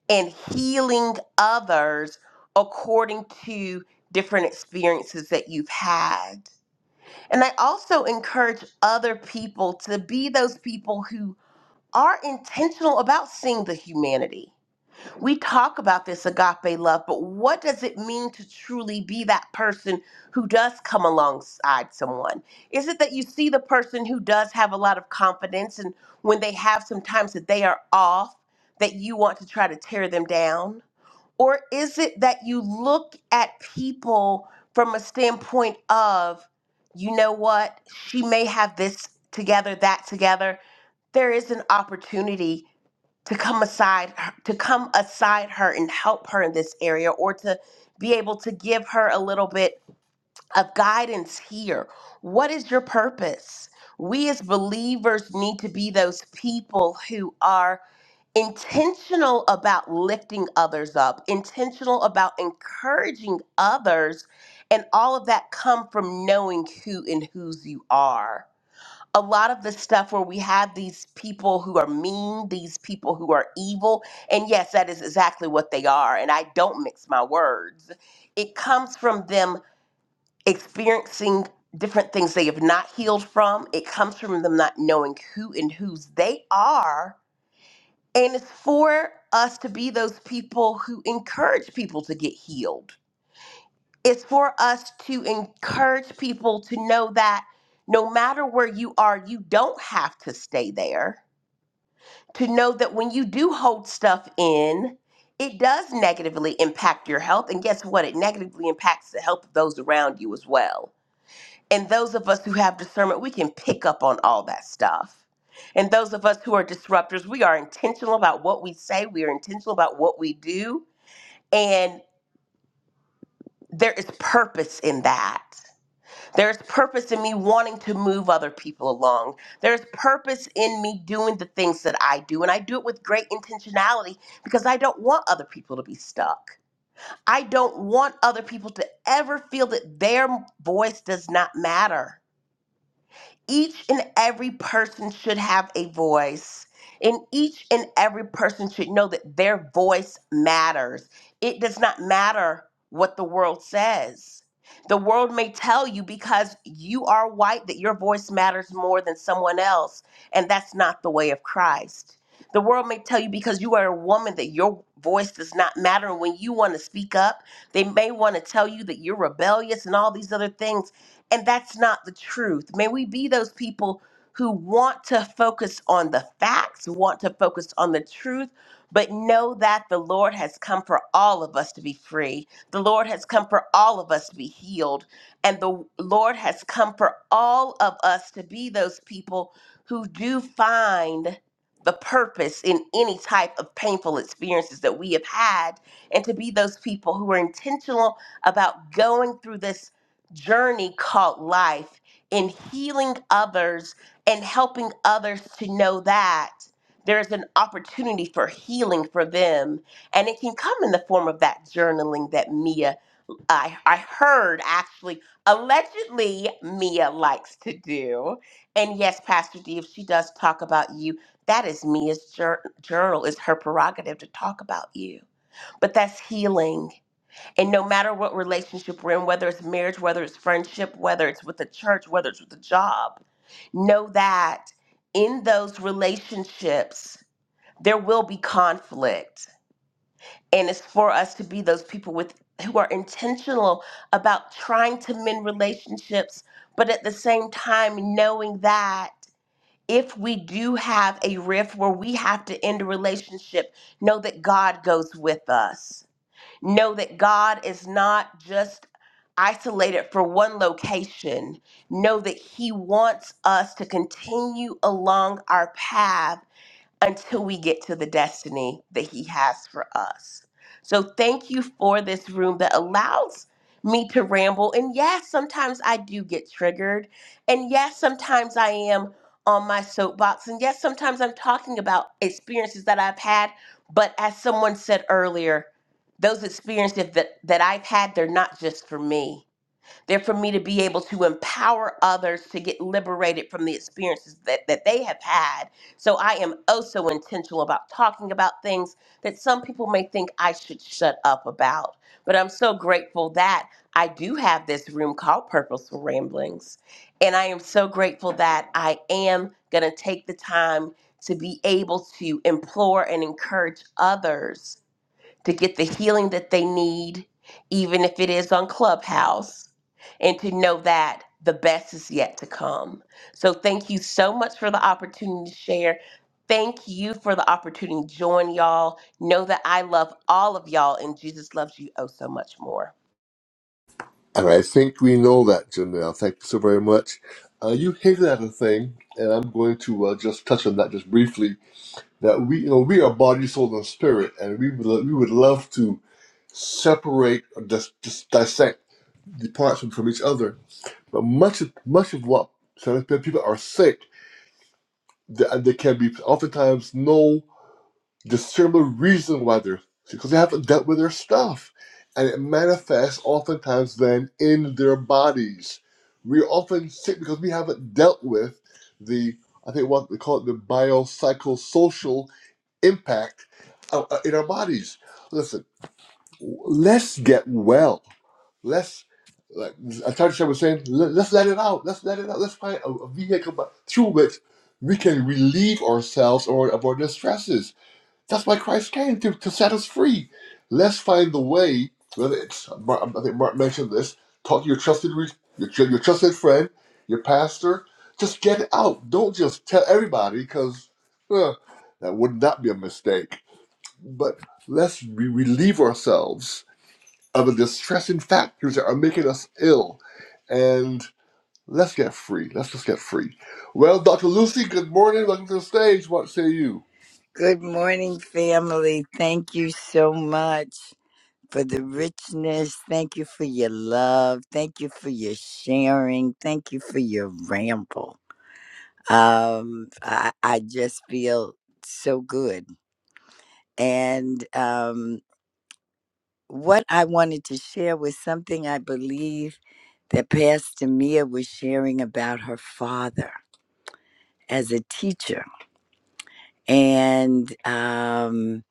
E: and healing others according to different experiences that you've had. And I also encourage other people to be those people who are intentional about seeing the humanity we talk about this agape love, but what does it mean to truly be that person who does come alongside someone? Is it that you see the person who does have a lot of confidence and when they have sometimes that they are off, that you want to try to tear them down? Or is it that you look at people from a standpoint of, you know what, she may have this together, that together. There is an opportunity to come aside to come aside her and help her in this area or to be able to give her a little bit of guidance here what is your purpose we as believers need to be those people who are intentional about lifting others up intentional about encouraging others and all of that come from knowing who and whose you are a lot of the stuff where we have these people who are mean, these people who are evil, and yes, that is exactly what they are, and I don't mix my words. It comes from them experiencing different things they have not healed from, it comes from them not knowing who and whose they are, and it's for us to be those people who encourage people to get healed it's for us to encourage people to know that no matter where you are, you don't have to stay there. To know that when you do hold stuff in, it does negatively impact your health. And guess what? It negatively impacts the health of those around you as well. And those of us who have discernment, we can pick up on all that stuff. And those of us who are disruptors, we are intentional about what we say, we are intentional about what we do. And there is purpose in that. There's purpose in me wanting to move other people along. There's purpose in me doing the things that I do. And I do it with great intentionality because I don't want other people to be stuck. I don't want other people to ever feel that their voice does not matter each and every person should have a voice. And each and every person should know that their voice matters. It does not matter what the world says. The world may tell you because you are white that your voice matters more than someone else, and that's not the way of Christ. The world may tell you because you are a woman that your voice does not matter. And when you want to speak up, they may want to tell you that you're rebellious and all these other things and that's not the truth. May we be those people who want to focus on the facts, want to focus on the truth, but know that the Lord has come for all of us to be free. The Lord has come for all of us to be healed. And the Lord has come for all of us to be those people who do find the purpose in any type of painful experiences that we have had, and to be those people who are intentional about going through this journey called life in healing others and helping others to know that there's an opportunity for healing for them. And it can come in the form of that journaling that Mia, I, I heard actually, allegedly Mia likes to do. And yes, Pastor D, if she does talk about you, that is Mia's jour- journal, is her prerogative to talk about you. But that's healing and no matter what relationship we're in, whether it's marriage, whether it's friendship, whether it's with the church, whether it's with the job, know that in those relationships, there will be conflict. And it's for us to be those people with who are intentional about trying to mend relationships, but at the same time knowing that if we do have a rift where we have to end a relationship, know that God goes with us Know that God is not just isolated for one location. Know that He wants us to continue along our path until we get to the destiny that He has for us. So, thank you for this room that allows me to ramble. And yes, sometimes I do get triggered. And yes, sometimes I am on my soapbox. And yes, sometimes I'm talking about experiences that I've had. But as someone said earlier, those experiences that, that I've had, they're not just for me they're for me to be able to empower others to get liberated from the experiences that, that they have had. So I am also intentional about talking about things that some people may think I should shut up about. But I'm so grateful that I do have this room called Purposeful Ramblings. And I am so grateful that I am going to take the time to be able to implore and encourage others to get the healing that they need, even if it is on Clubhouse, and to know that the best is yet to come. So, thank you so much for the opportunity to share. Thank you for the opportunity to join y'all. Know that I love all of y'all, and Jesus loves you oh so much more.
A: And I think we know that, Janelle. Thank you so very much. Uh, you hinted at a thing, and I'm going to uh, just touch on that just briefly. That we, you know, we are body, soul, and spirit, and we would lo- we would love to separate or just, just dissect the parts from, from each other. But much of much of what some people are sick, th- and there can be oftentimes no discernible reason why they're because they haven't dealt with their stuff. And it manifests oftentimes then in their bodies. We're often sick because we haven't dealt with the, I think what they call it, the biopsychosocial impact uh, uh, in our bodies. Listen, let's get well. Let's, like Atarisha was saying, let, let's let it out. Let's let it out. Let's find a, a vehicle by- through which we can relieve ourselves or of our distresses that's why Christ came to, to set us free. Let's find the way. Whether it's Mar- I think Mark mentioned this. Talk to your trusted re- your, tr- your trusted friend, your pastor. Just get it out. Don't just tell everybody because that would not be a mistake. But let's re- relieve ourselves of the distressing factors that are making us ill, and let's get free. Let's just get free. Well, Dr. Lucy, good morning. Welcome to the stage. What say you?
F: Good morning, family. Thank you so much for the richness. Thank you for your love. Thank you for your sharing. Thank you for your ramble. Um, I, I just feel so good. And um, what I wanted to share was something I believe that Pastor Mia was sharing about her father as a teacher. And um,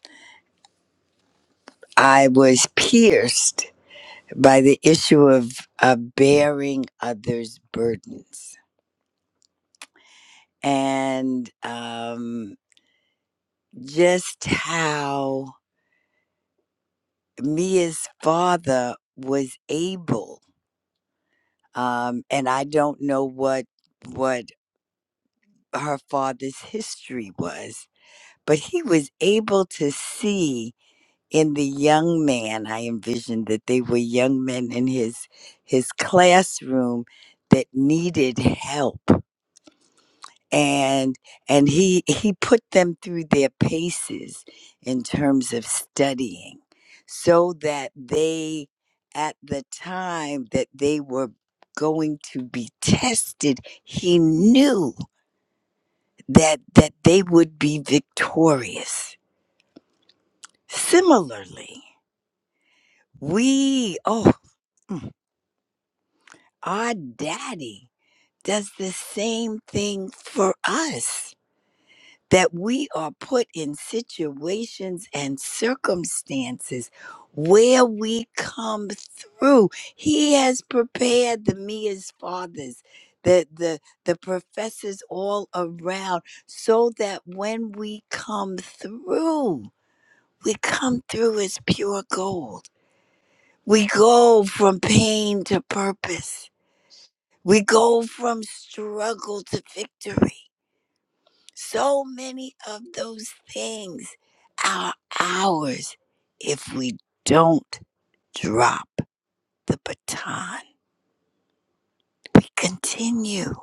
F: I was pierced by the issue of uh, bearing others' burdens and um, just how Mia's father was able, um, and I don't know what what her father's history was, but he was able to see in the young man. I envisioned that they were young men in his his classroom that needed help and and he he put them through their paces in terms of studying so that they at the time that they were going to be tested he knew that that they would be victorious similarly we oh mm, our daddy does the same thing for us that we are put in situations and circumstances where we come through. He has prepared the Mia's fathers, the, the, the professors all around, so that when we come through, we come through as pure gold. We go from pain to purpose. We go from struggle to victory. So many of those things are ours if we don't drop the baton. We continue.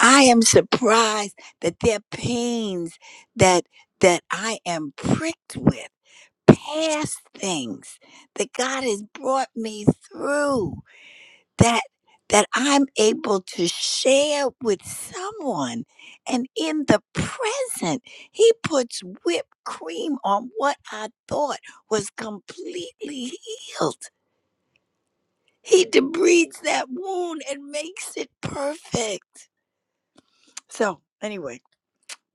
F: I am surprised that there are pains that that I am pricked with, past things that God has brought me through. that that I'm able to share with someone. And in the present, he puts whipped cream on what I thought was completely healed. He debrides that wound and makes it perfect. So, anyway,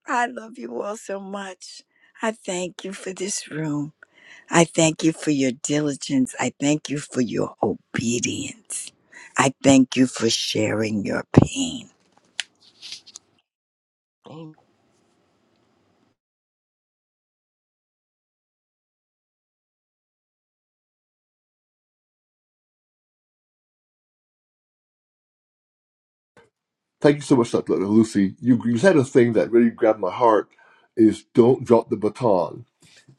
F: I love you all so much. I thank you for this room. I thank you for your diligence. I thank you for your obedience. I thank you for sharing your pain.
E: Amen.
A: Thank you so much, Dr. Lucy. You, you said a thing that really grabbed my heart is don't drop the baton.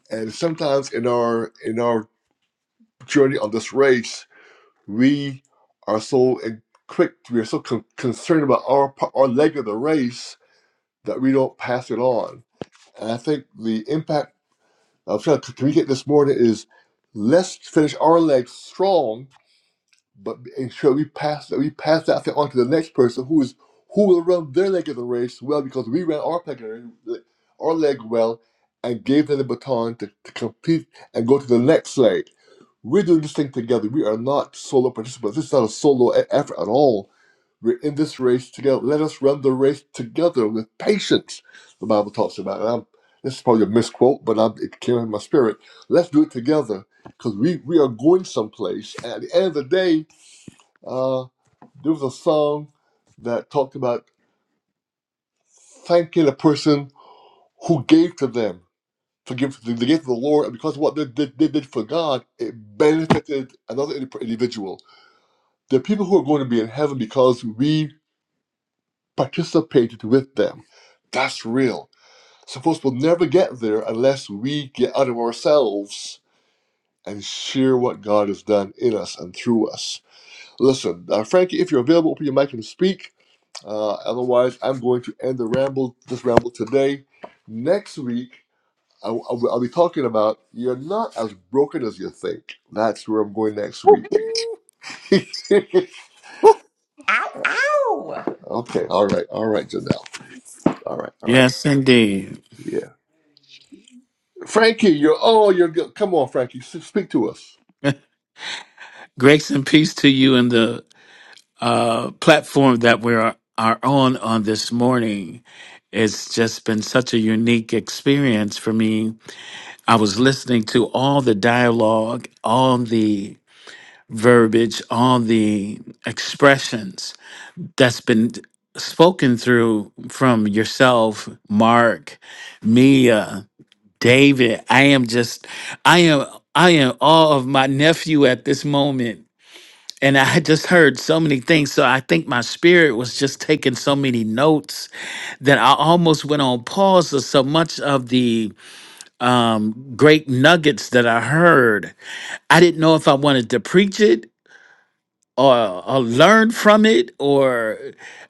A: And sometimes in our in our journey on this race, we are so in- quick, we are so con- concerned about our pa- our leg of the race that we don't pass it on. And I think the impact I'm trying to communicate this morning is let's finish our leg strong but ensure we pass that we pass that thing on to the next person who is who will run their leg of the race well because we ran our leg, our leg well and gave them the baton to, to complete and go to the next leg. We're doing this thing together. We are not solo participants. This is not a solo e- effort at all. We're in this race together. Let us run the race together with patience. The Bible talks about it. I'm, this is probably a misquote, but I'm, it came in my spirit. Let's do it together because we, we are going someplace. And at the end of the day, uh, there was a song that talked about thanking the person who gave to them, to give they gave to the Lord, and because of what they, they, they did for God, it benefited another indi- individual. The people who are going to be in heaven because we participated with them. That's real. Suppose we'll never get there unless we get out of ourselves and share what God has done in us and through us. Listen, uh, Frankie, if you're available, open your mic and speak. Uh, otherwise, I'm going to end the ramble, this ramble today. Next week, I, will I'll be talking about you're not as broken as you think. That's where I'm going next week. okay,
E: Ow, ow!
A: all right, all right, Janelle. All right, all right.
G: Yes, indeed.
A: Yeah, Frankie, you're oh, you're good. Come on, Frankie, s- speak to us.
G: Grace and peace to you and the uh, platform that we are, are on on this morning. It's just been such a unique experience for me. I was listening to all the dialogue, all the verbiage, all the expressions that's been spoken through from yourself, Mark, Mia. David, I am just, I am, I am awe of my nephew at this moment. And I had just heard so many things. So I think my spirit was just taking so many notes that I almost went on pause of so much of the um, great nuggets that I heard. I didn't know if I wanted to preach it or, or learn from it or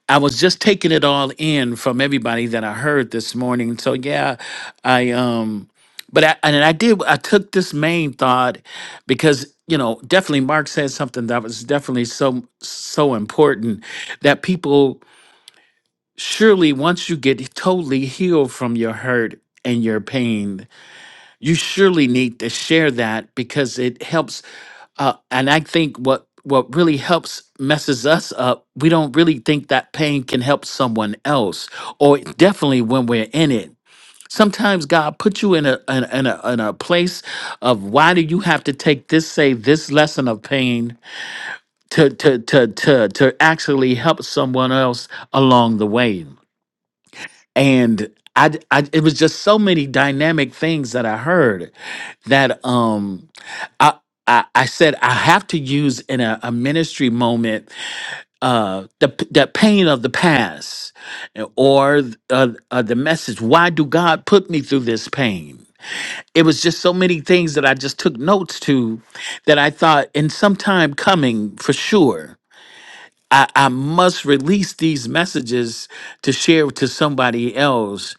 G: i was just taking it all in from everybody that i heard this morning so yeah i um but i and i did i took this main thought because you know definitely mark said something that was definitely so so important that people surely once you get totally healed from your hurt and your pain you surely need to share that because it helps uh, and I think what what really helps messes us up. We don't really think that pain can help someone else, or definitely when we're in it. Sometimes God put you in a in, a- in a in a place of why do you have to take this say this lesson of pain to to to to to actually help someone else along the way. And I, d- I it was just so many dynamic things that I heard that um I, I, I said I have to use in a, a ministry moment uh, the p- the pain of the past uh, or uh, uh, the message. Why do God put me through this pain? It was just so many things that I just took notes to that I thought in some time coming for sure. I, I must release these messages to share to somebody else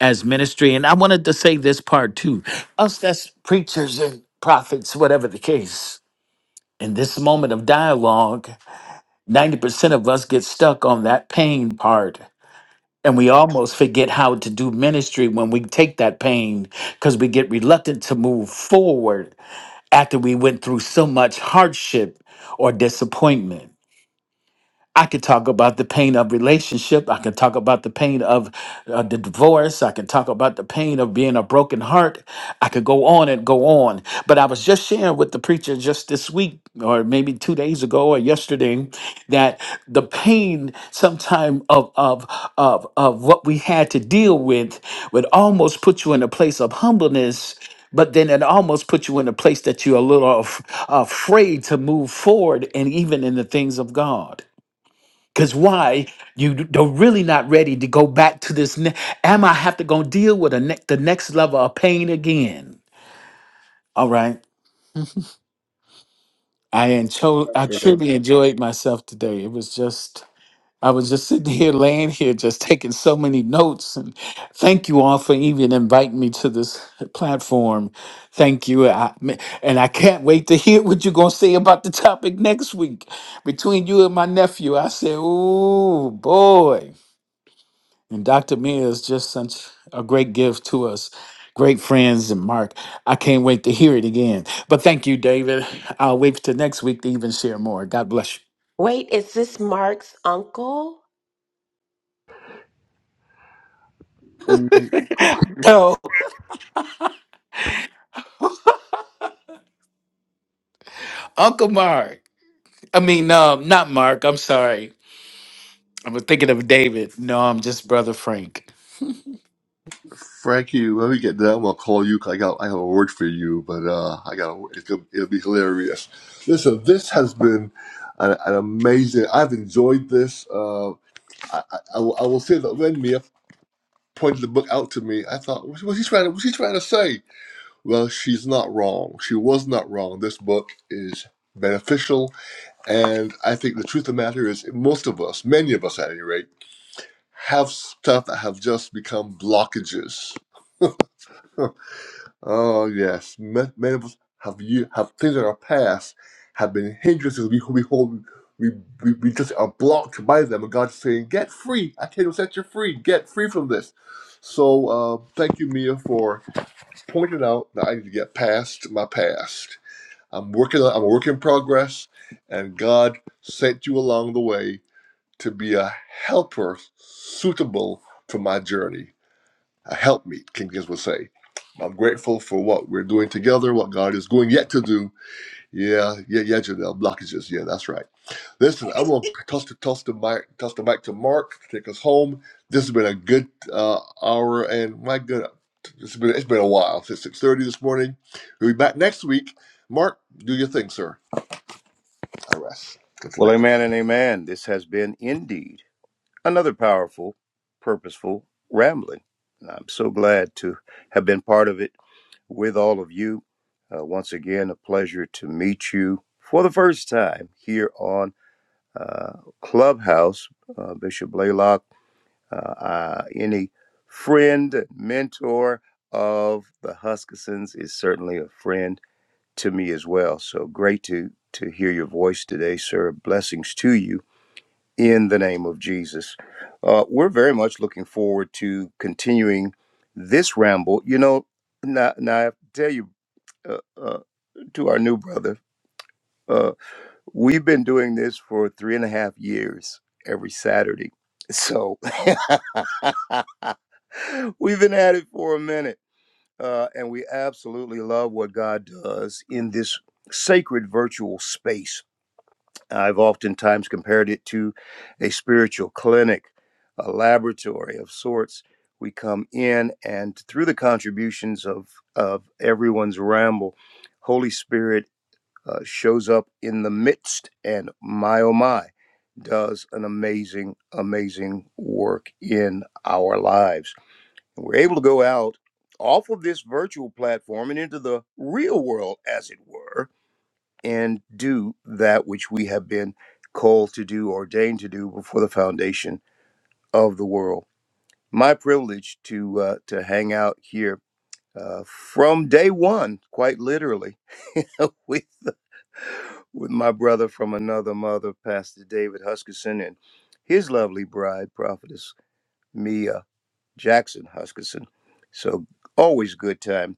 G: as ministry. And I wanted to say this part too. Us that's preachers and prophets, whatever the case in this moment of dialogue, 90% of us get stuck on that pain part. And we almost forget how to do ministry when we take that pain because we get reluctant to move forward after we went through so much hardship or disappointment. I could talk about the pain of relationship. I can talk about the pain of uh, the divorce. I can talk about the pain of being a broken heart. I could go on and go on. But I was just sharing with the preacher just this week, or maybe two days ago, or yesterday, that the pain sometime of of of of what we had to deal with would almost put you in a place of humbleness but then it almost puts you in a place that you're a little af- afraid to move forward and even in the things of God. Because why? You d- don't really not ready to go back to this. Ne- Am I have to go deal with a ne- the next level of pain again? All right. I enjoy, I truly enjoyed myself today. It was just, I was just sitting here, laying here, just taking so many notes. And thank you all for even inviting me to this platform. Thank you. I, and I can't wait to hear what you're going to say about the topic next week. Between you and my nephew, I said, oh boy. And Dr. Mia is just such a great gift to us. Great friends and Mark. I can't wait to hear it again. But thank you, David. I'll wait till next week to even share more. God bless
E: Wait, is this Mark's uncle?
A: Amen.
G: you. No, Uncle Mark. I mean, no, not Mark. I'm sorry. I'm thinking of David. No, I'm just Brother Frank.
A: Frankie, when we get done, I'll call you. 'cause I got I have a word for you, but uh, I got a, it's gonna, it'll be hilarious. Listen, this has been an, an amazing. I've enjoyed this. Uh, I, I, I will I will say that when Mia pointed the book out to me, I thought, what's what's he trying? to- What's he trying to say? Well, she's not wrong. She was not wrong. This book is beneficial, and I think the truth of the matter is, most of us, many of us at any rate, have stuff that have just become blockages. Oh yes, Ma- many of us have you have things in our past have been hindrances. We we hold we, we we just are blocked by them, and God's saying, "Get free! I tell you, set you free. Get free from this." So uh, thank you, Mia, for pointing out that I need to get past my past. I'm working. on- I'm a work in progress, and God sent you along the way to be a helper suitable for my journey a helpmeet, King James would say. I'm grateful for what we're doing together, what God is going yet to do. Yeah, yeah, yeah, Janelle, blockages. Yeah, that's right. Listen, I'm going to toss the, toss, the mic, toss the mic to Mark to take us home. This has been a good uh, hour, and my good, it's been, it's been a while since 6.30 this morning. We'll be back next week. Mark, do your thing, sir. I rest. Good for
B: Well,
A: that.
B: amen and amen. This has been indeed. another powerful, purposeful rambling. I'm so glad to have been part of it with all of you. Uh, once again, a pleasure to meet you for the first time here on uh, Clubhouse. Uh, Bishop Blaylock, uh, uh, any friend, mentor of the Huskissons is certainly a friend to me as well. So great to to hear your voice today, sir. Blessings to you in the name of Jesus. Uh, we're very much looking forward to continuing this ramble. You know, now, now I have to tell you uh, uh, to our new brother, uh, we've been doing this for three and a half years every Saturday. So we've been at it for a minute, uh, and we absolutely love what God does in this sacred virtual space I've oftentimes compared it to a spiritual clinic, a laboratory of sorts. We come in, and through the contributions of, of everyone's ramble, Holy Spirit uh, shows up in the midst, and my oh my, does an amazing, amazing work in our lives. And we're able to go out off of this virtual platform and into the real world, as it were, and do that which we have been called to do, ordained to do before the foundation of the world. My privilege to uh, to hang out here uh, from day one, quite literally, with with my brother from another mother, Pastor David Huskisson, and his lovely bride, prophetess Mia Jackson Huskisson. So always good time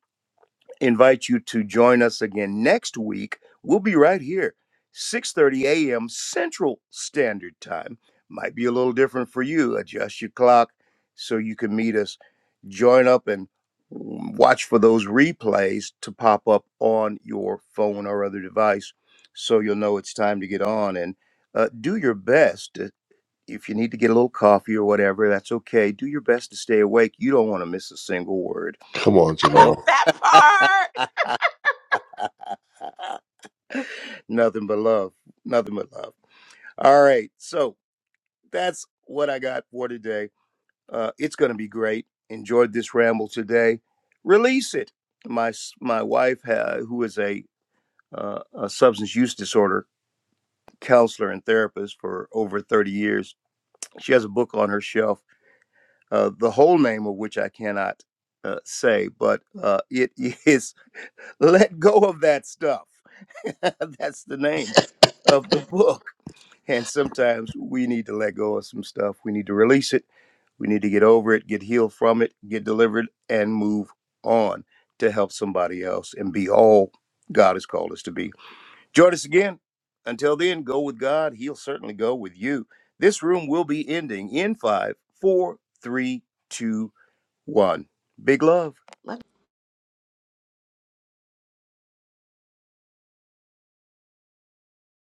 B: invite you to join us again next week. We'll be right here, 6:30 a.m. Central Standard Time. Might be a little different for you. Adjust your clock so you can meet us. Join up and watch for those replays to pop up on your phone or other device so you'll know it's time to get on and uh, do your best if you need to get a little coffee or whatever that's okay do your best to stay awake you don't want to miss a single word
A: Come on,
B: oh
A: Janelle.
E: That part!
B: nothing but love. Nothing but love. All right. So that's what I got for today. Uh, it's going to be great. Enjoyed this ramble today. Release it. My s- my wife, ha- who is a, uh, a substance use disorder counselor and therapist for over 30 years, she has a book on her shelf, uh, the whole name of which I cannot uh, say, but uh, it is Let Go of That Stuff. That's the name of the book And sometimes we need to let go of some stuff. We need to release it. We need to get over it, get healed from it, get delivered, and move on to help somebody else and be all God has called us to be. Join us again. Until then, go with God. He'll certainly go with you. This room will be ending in five, four, three, two, one. Big love.
E: Let.